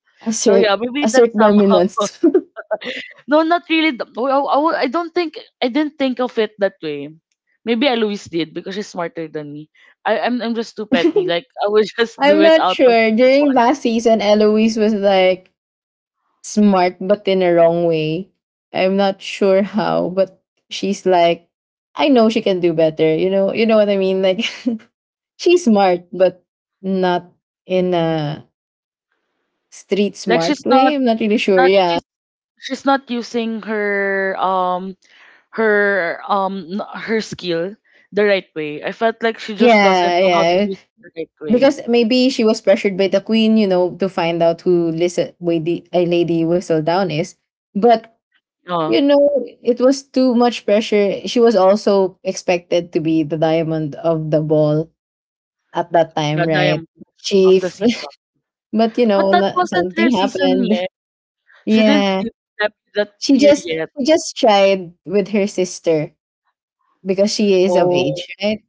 Speaker 1: So
Speaker 2: assert,
Speaker 1: yeah, maybe that
Speaker 2: assert
Speaker 1: somehow
Speaker 2: dominance.
Speaker 1: no, not really. Oh, oh, oh, I didn't think of it that way. Maybe Eloise did because she's smarter than me. I'm just too petty. Like I would just do
Speaker 2: I'm
Speaker 1: it
Speaker 2: not
Speaker 1: out of
Speaker 2: sure.
Speaker 1: the
Speaker 2: During
Speaker 1: fun.
Speaker 2: last season, Eloise was like smart but in a wrong way. I'm not sure how, but she's like I know she can do better. You know what I mean? Like she's smart but not in a street
Speaker 1: Like
Speaker 2: smart
Speaker 1: she's not
Speaker 2: way. I'm not really sure.
Speaker 1: not
Speaker 2: Yeah.
Speaker 1: she's she's not using her her her skill the right way. I felt like she just doesn't
Speaker 2: Yeah,
Speaker 1: know how to
Speaker 2: yeah.
Speaker 1: use it the right way.
Speaker 2: Because maybe she was pressured by the queen, you know, to find out who listen a Lady Whistledown is. But
Speaker 1: Oh,
Speaker 2: you know, it was too much pressure. She was also expected to be the diamond of the ball at that
Speaker 1: yeah,
Speaker 2: time, right?
Speaker 1: Diamond of the
Speaker 2: Chief.
Speaker 1: season.
Speaker 2: But you
Speaker 1: But
Speaker 2: know,
Speaker 1: that wasn't her
Speaker 2: something
Speaker 1: season
Speaker 2: happened.
Speaker 1: yet. She didn't
Speaker 2: Yeah.
Speaker 1: do that
Speaker 2: She
Speaker 1: year
Speaker 2: just
Speaker 1: yet.
Speaker 2: she just tried with her sister because she is of
Speaker 1: Oh.
Speaker 2: age, right?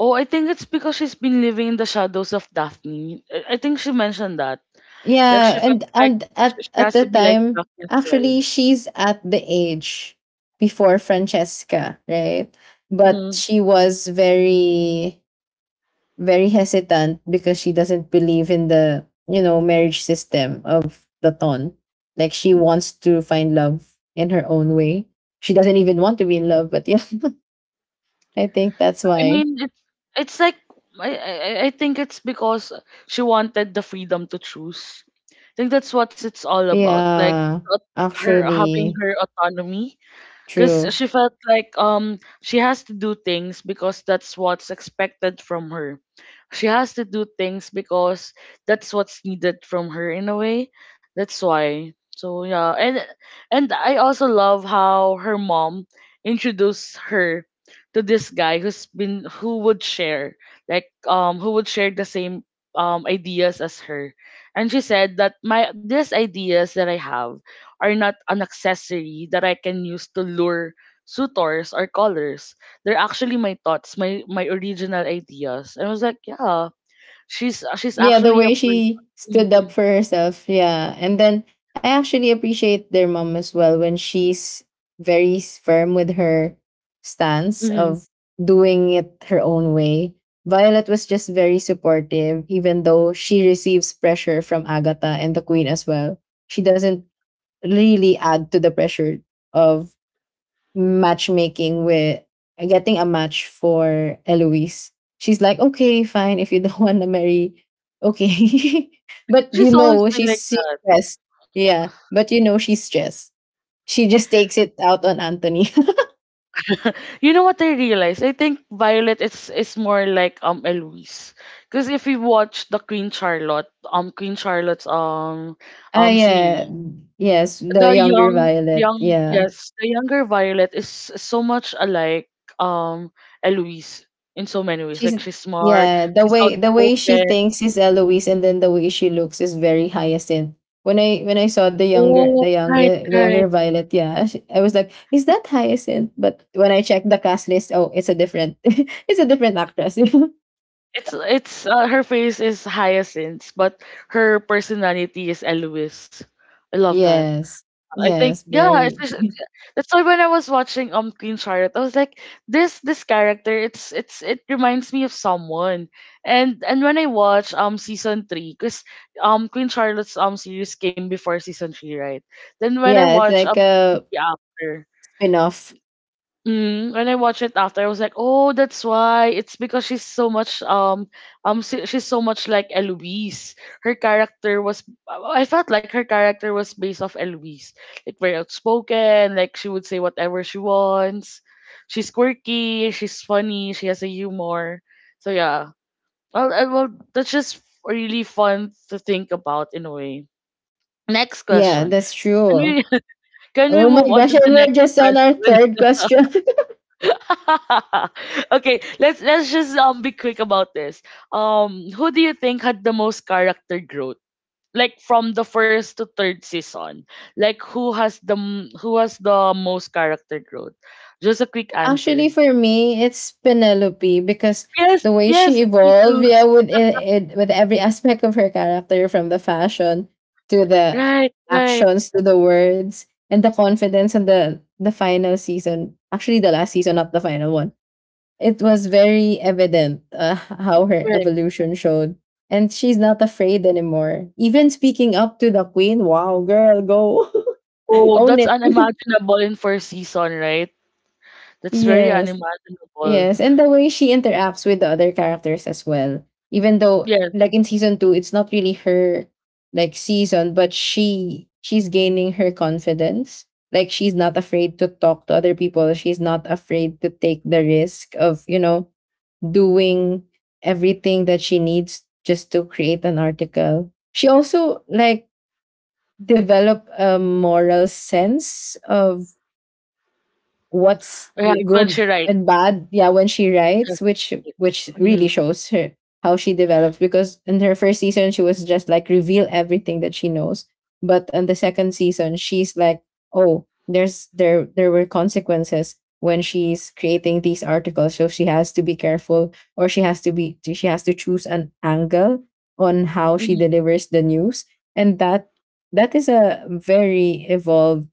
Speaker 1: Oh, I think it's because she's been living in the shadows of Daphne. I think she mentioned that. Like
Speaker 2: Yeah,
Speaker 1: she felt
Speaker 2: and
Speaker 1: like she
Speaker 2: at
Speaker 1: has to
Speaker 2: the
Speaker 1: be like
Speaker 2: time,
Speaker 1: Daphne as well.
Speaker 2: actually she's at the age before Francesca, right? But
Speaker 1: Mm.
Speaker 2: she was very hesitant because she doesn't believe in the you know marriage system of the ton, like she wants to find love in her own way, she doesn't even want to be in love but yeah I think that's
Speaker 1: I
Speaker 2: why
Speaker 1: mean, it's like I, I I think it's because she wanted the freedom to choose. I think that's what it's all about. Like
Speaker 2: yeah
Speaker 1: uh, her having
Speaker 2: actually
Speaker 1: her autonomy because
Speaker 2: true.
Speaker 1: she felt like she has to do things because that's what's expected from her. She has to do things because that's what's needed from her in a way. That's why. So yeah, and I also love how her mom introduced her to this guy who's been who would share like who would share the same ideas as her. And she said that my these ideas that I have are not an accessory that I can use to lure suitors or callers. They're actually my thoughts, my original ideas. And I was like, yeah, she's
Speaker 2: Yeah, the
Speaker 1: actually a
Speaker 2: way
Speaker 1: person.
Speaker 2: she stood up
Speaker 1: Mhm,
Speaker 2: for herself. Yeah. And then I actually appreciate their mom as well when she's very firm with her stance
Speaker 1: mhm.
Speaker 2: of doing it her own way. Violet was just very supportive, even though she receives pressure from Agatha and the Queen as well. She doesn't really add to the pressure of matchmaking with getting a match for Eloise. She's like, okay, fine, if you don't want to marry, okay.
Speaker 1: I think
Speaker 2: But you
Speaker 1: she's always
Speaker 2: know,
Speaker 1: been like
Speaker 2: she's
Speaker 1: that.
Speaker 2: stressed. Yeah, but you know, she's stressed. She just takes it out on Anthony.
Speaker 1: You know what I realized? I think Violet is more like Eloise. Because if you watch the Queen Charlotte, Queen Charlotte's
Speaker 2: ah,
Speaker 1: series,
Speaker 2: yeah. Yes,
Speaker 1: the
Speaker 2: the younger
Speaker 1: young
Speaker 2: Violet.
Speaker 1: young
Speaker 2: Yeah.
Speaker 1: yes the younger Violet is so much alike um Eloise in so many ways,
Speaker 2: She's
Speaker 1: like she's smart,
Speaker 2: yeah,
Speaker 1: she's
Speaker 2: the way she
Speaker 1: outspoken.
Speaker 2: thinks is Eloise, and then the way she looks is very hyacinth. When I saw the younger
Speaker 1: Oh
Speaker 2: the
Speaker 1: right,
Speaker 2: younger the younger
Speaker 1: right,
Speaker 2: Violet, yeah, I was like, is that hyacinth? But when I checked the cast list, oh, it's a different it's a different actress.
Speaker 1: it's her face is Hyacinth but her personality is Eloise. I love that.
Speaker 2: Yes.
Speaker 1: I think
Speaker 2: Yes,
Speaker 1: yeah,
Speaker 2: very
Speaker 1: that's why when I was watching Queen Charlotte, I was like, this character, it's it reminds me of someone. And when I watch season three, because Queen Charlotte's series came before season three, right? Then when I
Speaker 2: yeah, it's
Speaker 1: watch
Speaker 2: like a
Speaker 1: the after,
Speaker 2: spin-off.
Speaker 1: mm, when I watched it after, I was like, "Oh, that's why." It's because she's so much she's so much like Eloise. Her character was I felt like her character was based off Eloise, like very outspoken, like she would say whatever she wants. She's quirky, she's funny, she has a humor. So yeah, well, that's just really fun to think about in a way. Next
Speaker 2: Yeah,
Speaker 1: question.
Speaker 2: that's
Speaker 1: Can
Speaker 2: true.
Speaker 1: we can we
Speaker 2: Oh my
Speaker 1: move on
Speaker 2: gosh,
Speaker 1: to
Speaker 2: and
Speaker 1: the
Speaker 2: we're
Speaker 1: next
Speaker 2: just on our
Speaker 1: question?
Speaker 2: third question.
Speaker 1: Okay, let's just be quick about this. Who do you think had the most character growth? Like from the first to third season, like who has who has the most character growth? Just a quick
Speaker 2: Actually,
Speaker 1: answer.
Speaker 2: for me, it's Penelope because
Speaker 1: Yes,
Speaker 2: the way
Speaker 1: yes,
Speaker 2: she
Speaker 1: me
Speaker 2: evolved,
Speaker 1: too.
Speaker 2: yeah, with it, with every aspect of her character, from the fashion to the
Speaker 1: Right, right,
Speaker 2: actions to the words and the confidence and the final season. Actually, the last season, not the final one. It was very evident how her
Speaker 1: correct.
Speaker 2: evolution showed, and she's not afraid anymore. Even speaking up to the queen, wow, girl, go
Speaker 1: Oh,
Speaker 2: own
Speaker 1: that's
Speaker 2: it.
Speaker 1: unimaginable in first season, right? That's very
Speaker 2: Yes.
Speaker 1: unimaginable.
Speaker 2: Yes, and the way she interacts with the other characters as well. Even though
Speaker 1: Yes,
Speaker 2: like in season 2 it's not really her like season, but she's gaining her confidence. Like she's not afraid to talk to other people. She's not afraid to take the risk of, you know, doing everything that she needs just to create an article. She also like develop a moral sense of what's
Speaker 1: right. When
Speaker 2: good
Speaker 1: she writes.
Speaker 2: and bad, yeah, when she
Speaker 1: Yes.
Speaker 2: writes,
Speaker 1: Yes.
Speaker 2: which really
Speaker 1: Mm-hmm.
Speaker 2: shows her how she develops. Because in her first season she was just like reveal everything that she knows, but on the second season she's like, oh, there were consequences when she's creating these articles. So she has to be careful, or she has to be, she has to choose an angle on how she
Speaker 1: Mm-hmm.
Speaker 2: delivers the news. And that is a very evolved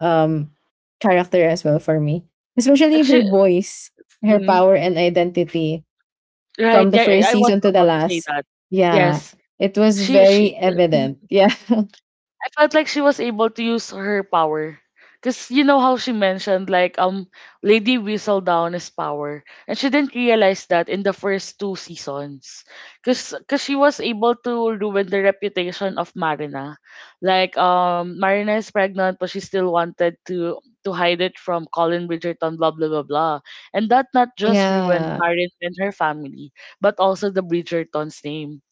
Speaker 2: um character as well for me. Especially her
Speaker 1: Actually,
Speaker 2: voice, her
Speaker 1: mm-hmm.
Speaker 2: power and identity
Speaker 1: Right,
Speaker 2: from the
Speaker 1: yeah,
Speaker 2: first
Speaker 1: I was
Speaker 2: season to the
Speaker 1: about to say
Speaker 2: last.
Speaker 1: that.
Speaker 2: Yeah.
Speaker 1: Yes.
Speaker 2: It was
Speaker 1: She
Speaker 2: very evident.
Speaker 1: mhm.
Speaker 2: Yeah.
Speaker 1: I felt like she was able to use her power. Cause you know how she mentioned like Lady Whistledown is power. And she didn't realize that in the first two seasons. Cause she was able to ruin the reputation of Marina. Like Marina is pregnant but she still wanted to hide it from Colin Bridgerton, blah blah blah blah. And that not just ruined
Speaker 2: Yeah.
Speaker 1: Marina and her family, but also the Bridgerton's name.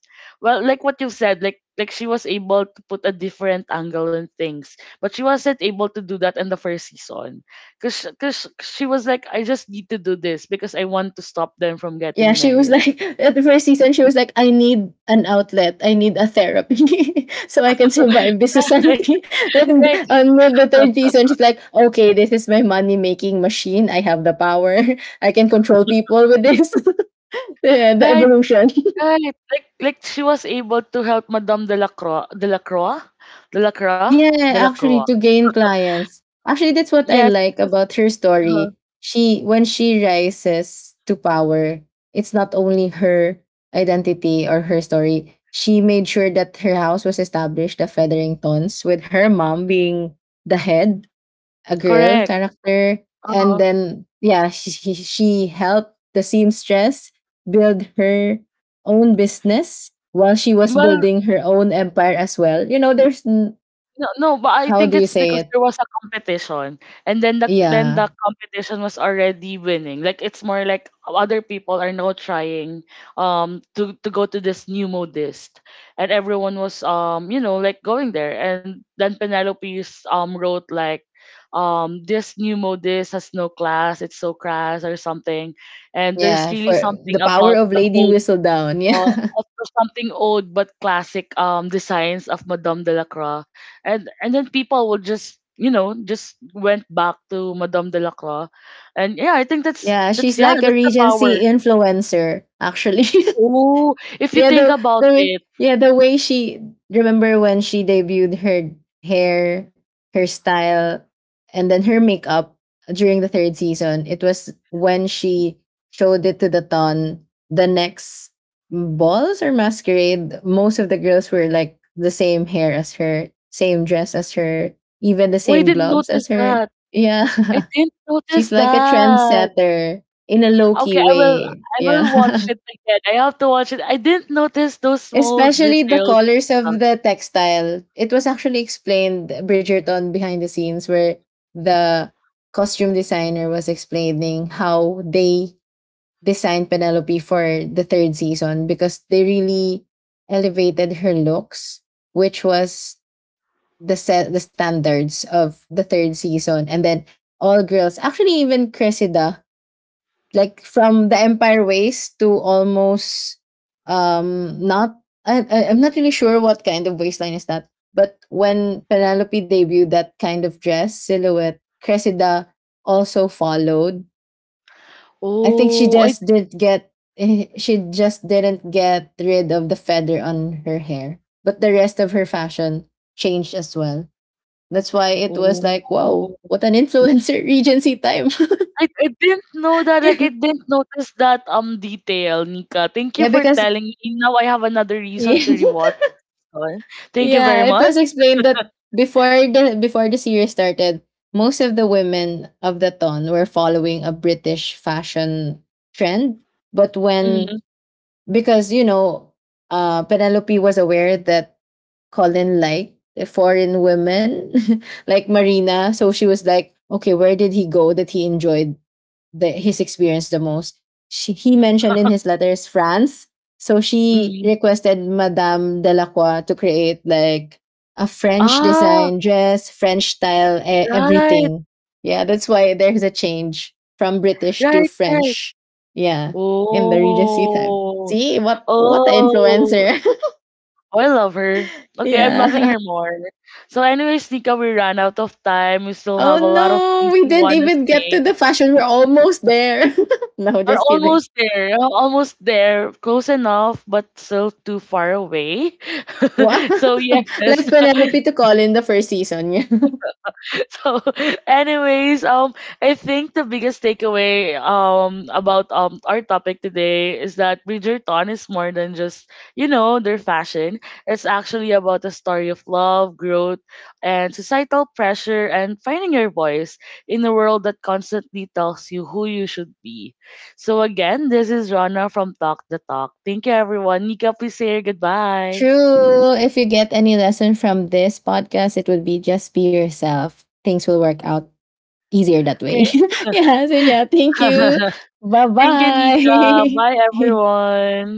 Speaker 1: Well, like what you've said, like she was able to put a different angle in things but she wasn't able to do that in the first season because she was like I just need to do this because I want to stop them from
Speaker 2: Yeah,
Speaker 1: getting
Speaker 2: she was
Speaker 1: married.
Speaker 2: like, at the first season she was like, I need an outlet. I need a therapy so I can survive this society. And
Speaker 1: Right,
Speaker 2: on the third season she's like, "Okay, this is my money-making machine. I have the power. I can control people with this." Yeah, the
Speaker 1: right,
Speaker 2: evolution.
Speaker 1: right. Like she was able to help Madame Delacroix,
Speaker 2: Yeah,
Speaker 1: Delacroix.
Speaker 2: actually to gain clients. Actually, that's what I
Speaker 1: Yes.
Speaker 2: like about her
Speaker 1: Uh-huh.
Speaker 2: story. She when she rises to power, it's not only her identity or her story. She made sure that her house was established, the Featheringtons, with her mom being the head, a girl
Speaker 1: Correct.
Speaker 2: character, and
Speaker 1: Uh-huh.
Speaker 2: then yeah, she helped the seamstress build her own business while she was
Speaker 1: Well,
Speaker 2: building her own empire as well. You know, there's
Speaker 1: no, no, but I
Speaker 2: how
Speaker 1: think
Speaker 2: do you
Speaker 1: it's
Speaker 2: say
Speaker 1: because
Speaker 2: it?
Speaker 1: there was a competition, and then then
Speaker 2: Yeah.
Speaker 1: the competition was already winning. Like it's more like other people are now trying to go to this new modist, and everyone was you know like going there, and then Penelope's wrote like this new modist has no class, it's so crass or something, and there's
Speaker 2: Yeah, for
Speaker 1: really something
Speaker 2: the power
Speaker 1: about
Speaker 2: of
Speaker 1: the
Speaker 2: Lady
Speaker 1: old
Speaker 2: Whistledown.
Speaker 1: uh,
Speaker 2: Yeah.
Speaker 1: offer something old but classic designs of Madame Delacroix, and then people will just you know just went back to Madame Delacroix, and yeah, I think that's
Speaker 2: Yeah, she's like a
Speaker 1: that's the
Speaker 2: Regency
Speaker 1: power.
Speaker 2: influencer, actually.
Speaker 1: Oh, if you
Speaker 2: Yeah,
Speaker 1: think
Speaker 2: the
Speaker 1: about
Speaker 2: the way
Speaker 1: it,
Speaker 2: yeah, the way she, remember when she debuted her hair, her style, and then her makeup during the third season. It was when she showed it to the ton the next balls or masquerade. Most of the girls were like the same hair as her, same dress as her, even the
Speaker 1: oh, I
Speaker 2: same
Speaker 1: didn't
Speaker 2: gloves as
Speaker 1: notice
Speaker 2: her.
Speaker 1: that.
Speaker 2: Yeah.
Speaker 1: I didn't
Speaker 2: She's
Speaker 1: notice
Speaker 2: like a
Speaker 1: that.
Speaker 2: trendsetter in a low key
Speaker 1: Okay,
Speaker 2: way.
Speaker 1: I will watch
Speaker 2: Yeah.
Speaker 1: it again. I have to watch it. I didn't notice those small
Speaker 2: Especially the
Speaker 1: details.
Speaker 2: colors of the textile. It was actually explained, Bridgerton behind the scenes, where the costume designer was explaining how they designed Penelope for the third season, because they really elevated her looks, which was the set the standards of the third season. And then all girls, actually even Cressida, like from the Empire waste to almost not I'm not really sure what kind of waistline is that. But when Penelope debuted that kind of dress silhouette, Cressida also followed. I think she
Speaker 1: Oh, I
Speaker 2: just did get she just didn't get rid of the feather on her hair, but the rest of her fashion changed as well. That's why it was
Speaker 1: oh.
Speaker 2: like, wow, what an influencer regency time.
Speaker 1: I didn't know that. Like I didn't notice that detail, Nika. Thank you
Speaker 2: Yeah,
Speaker 1: for
Speaker 2: because
Speaker 1: telling me. Now I have another reason to
Speaker 2: yeah.
Speaker 1: rewatch it. Thank you
Speaker 2: Yeah,
Speaker 1: very
Speaker 2: it
Speaker 1: much.
Speaker 2: was explained that before the series started, most of the women of the ton were following a British fashion trend. But when,
Speaker 1: Mm,
Speaker 2: because you know, Penelope was aware that Colin liked foreign women like Marina, so she was like, okay, where did he go that he enjoyed the his experience the most. She, he mentioned in his letters France. So she
Speaker 1: hmm.
Speaker 2: requested Madame Delacroix to create like a French
Speaker 1: Ah,
Speaker 2: design dress, French style,
Speaker 1: right,
Speaker 2: everything. Yeah, that's why there's a change from British to
Speaker 1: right, right.
Speaker 2: French. Yeah, in the Regency time.
Speaker 1: Oh,
Speaker 2: See what an
Speaker 1: oh,
Speaker 2: influencer.
Speaker 1: I love her. Okay, I'm loving
Speaker 2: Yeah.
Speaker 1: her more. So, anyways, Nika, we ran out of time. We still
Speaker 2: Oh
Speaker 1: have a lot of
Speaker 2: no,
Speaker 1: things
Speaker 2: we
Speaker 1: we
Speaker 2: didn't
Speaker 1: wanna
Speaker 2: even get
Speaker 1: say.
Speaker 2: to the fashion. We're almost there. No,
Speaker 1: We're
Speaker 2: just kidding.
Speaker 1: almost there, close enough, but still too far away.
Speaker 2: Wow!
Speaker 1: So yes,
Speaker 2: Like Penelope to call in the first season. Yeah.
Speaker 1: so anyways I think the biggest takeaway about our topic today is that Bridgerton is more than just you know their fashion. It's actually about a story of love, growth, and societal pressure, and finding your voice in a world that constantly tells you who you should be. So again, this is Rana from Talk the Talk. Thank you everyone. Nika, please say your goodbye.
Speaker 2: True. If you get any lesson from this podcast, it would be just be yourself. Things will work out easier that way.
Speaker 1: Okay.
Speaker 2: Yeah. So, yeah. Thank you. Bye
Speaker 1: Thank you Nika, bye
Speaker 2: bye.
Speaker 1: everyone.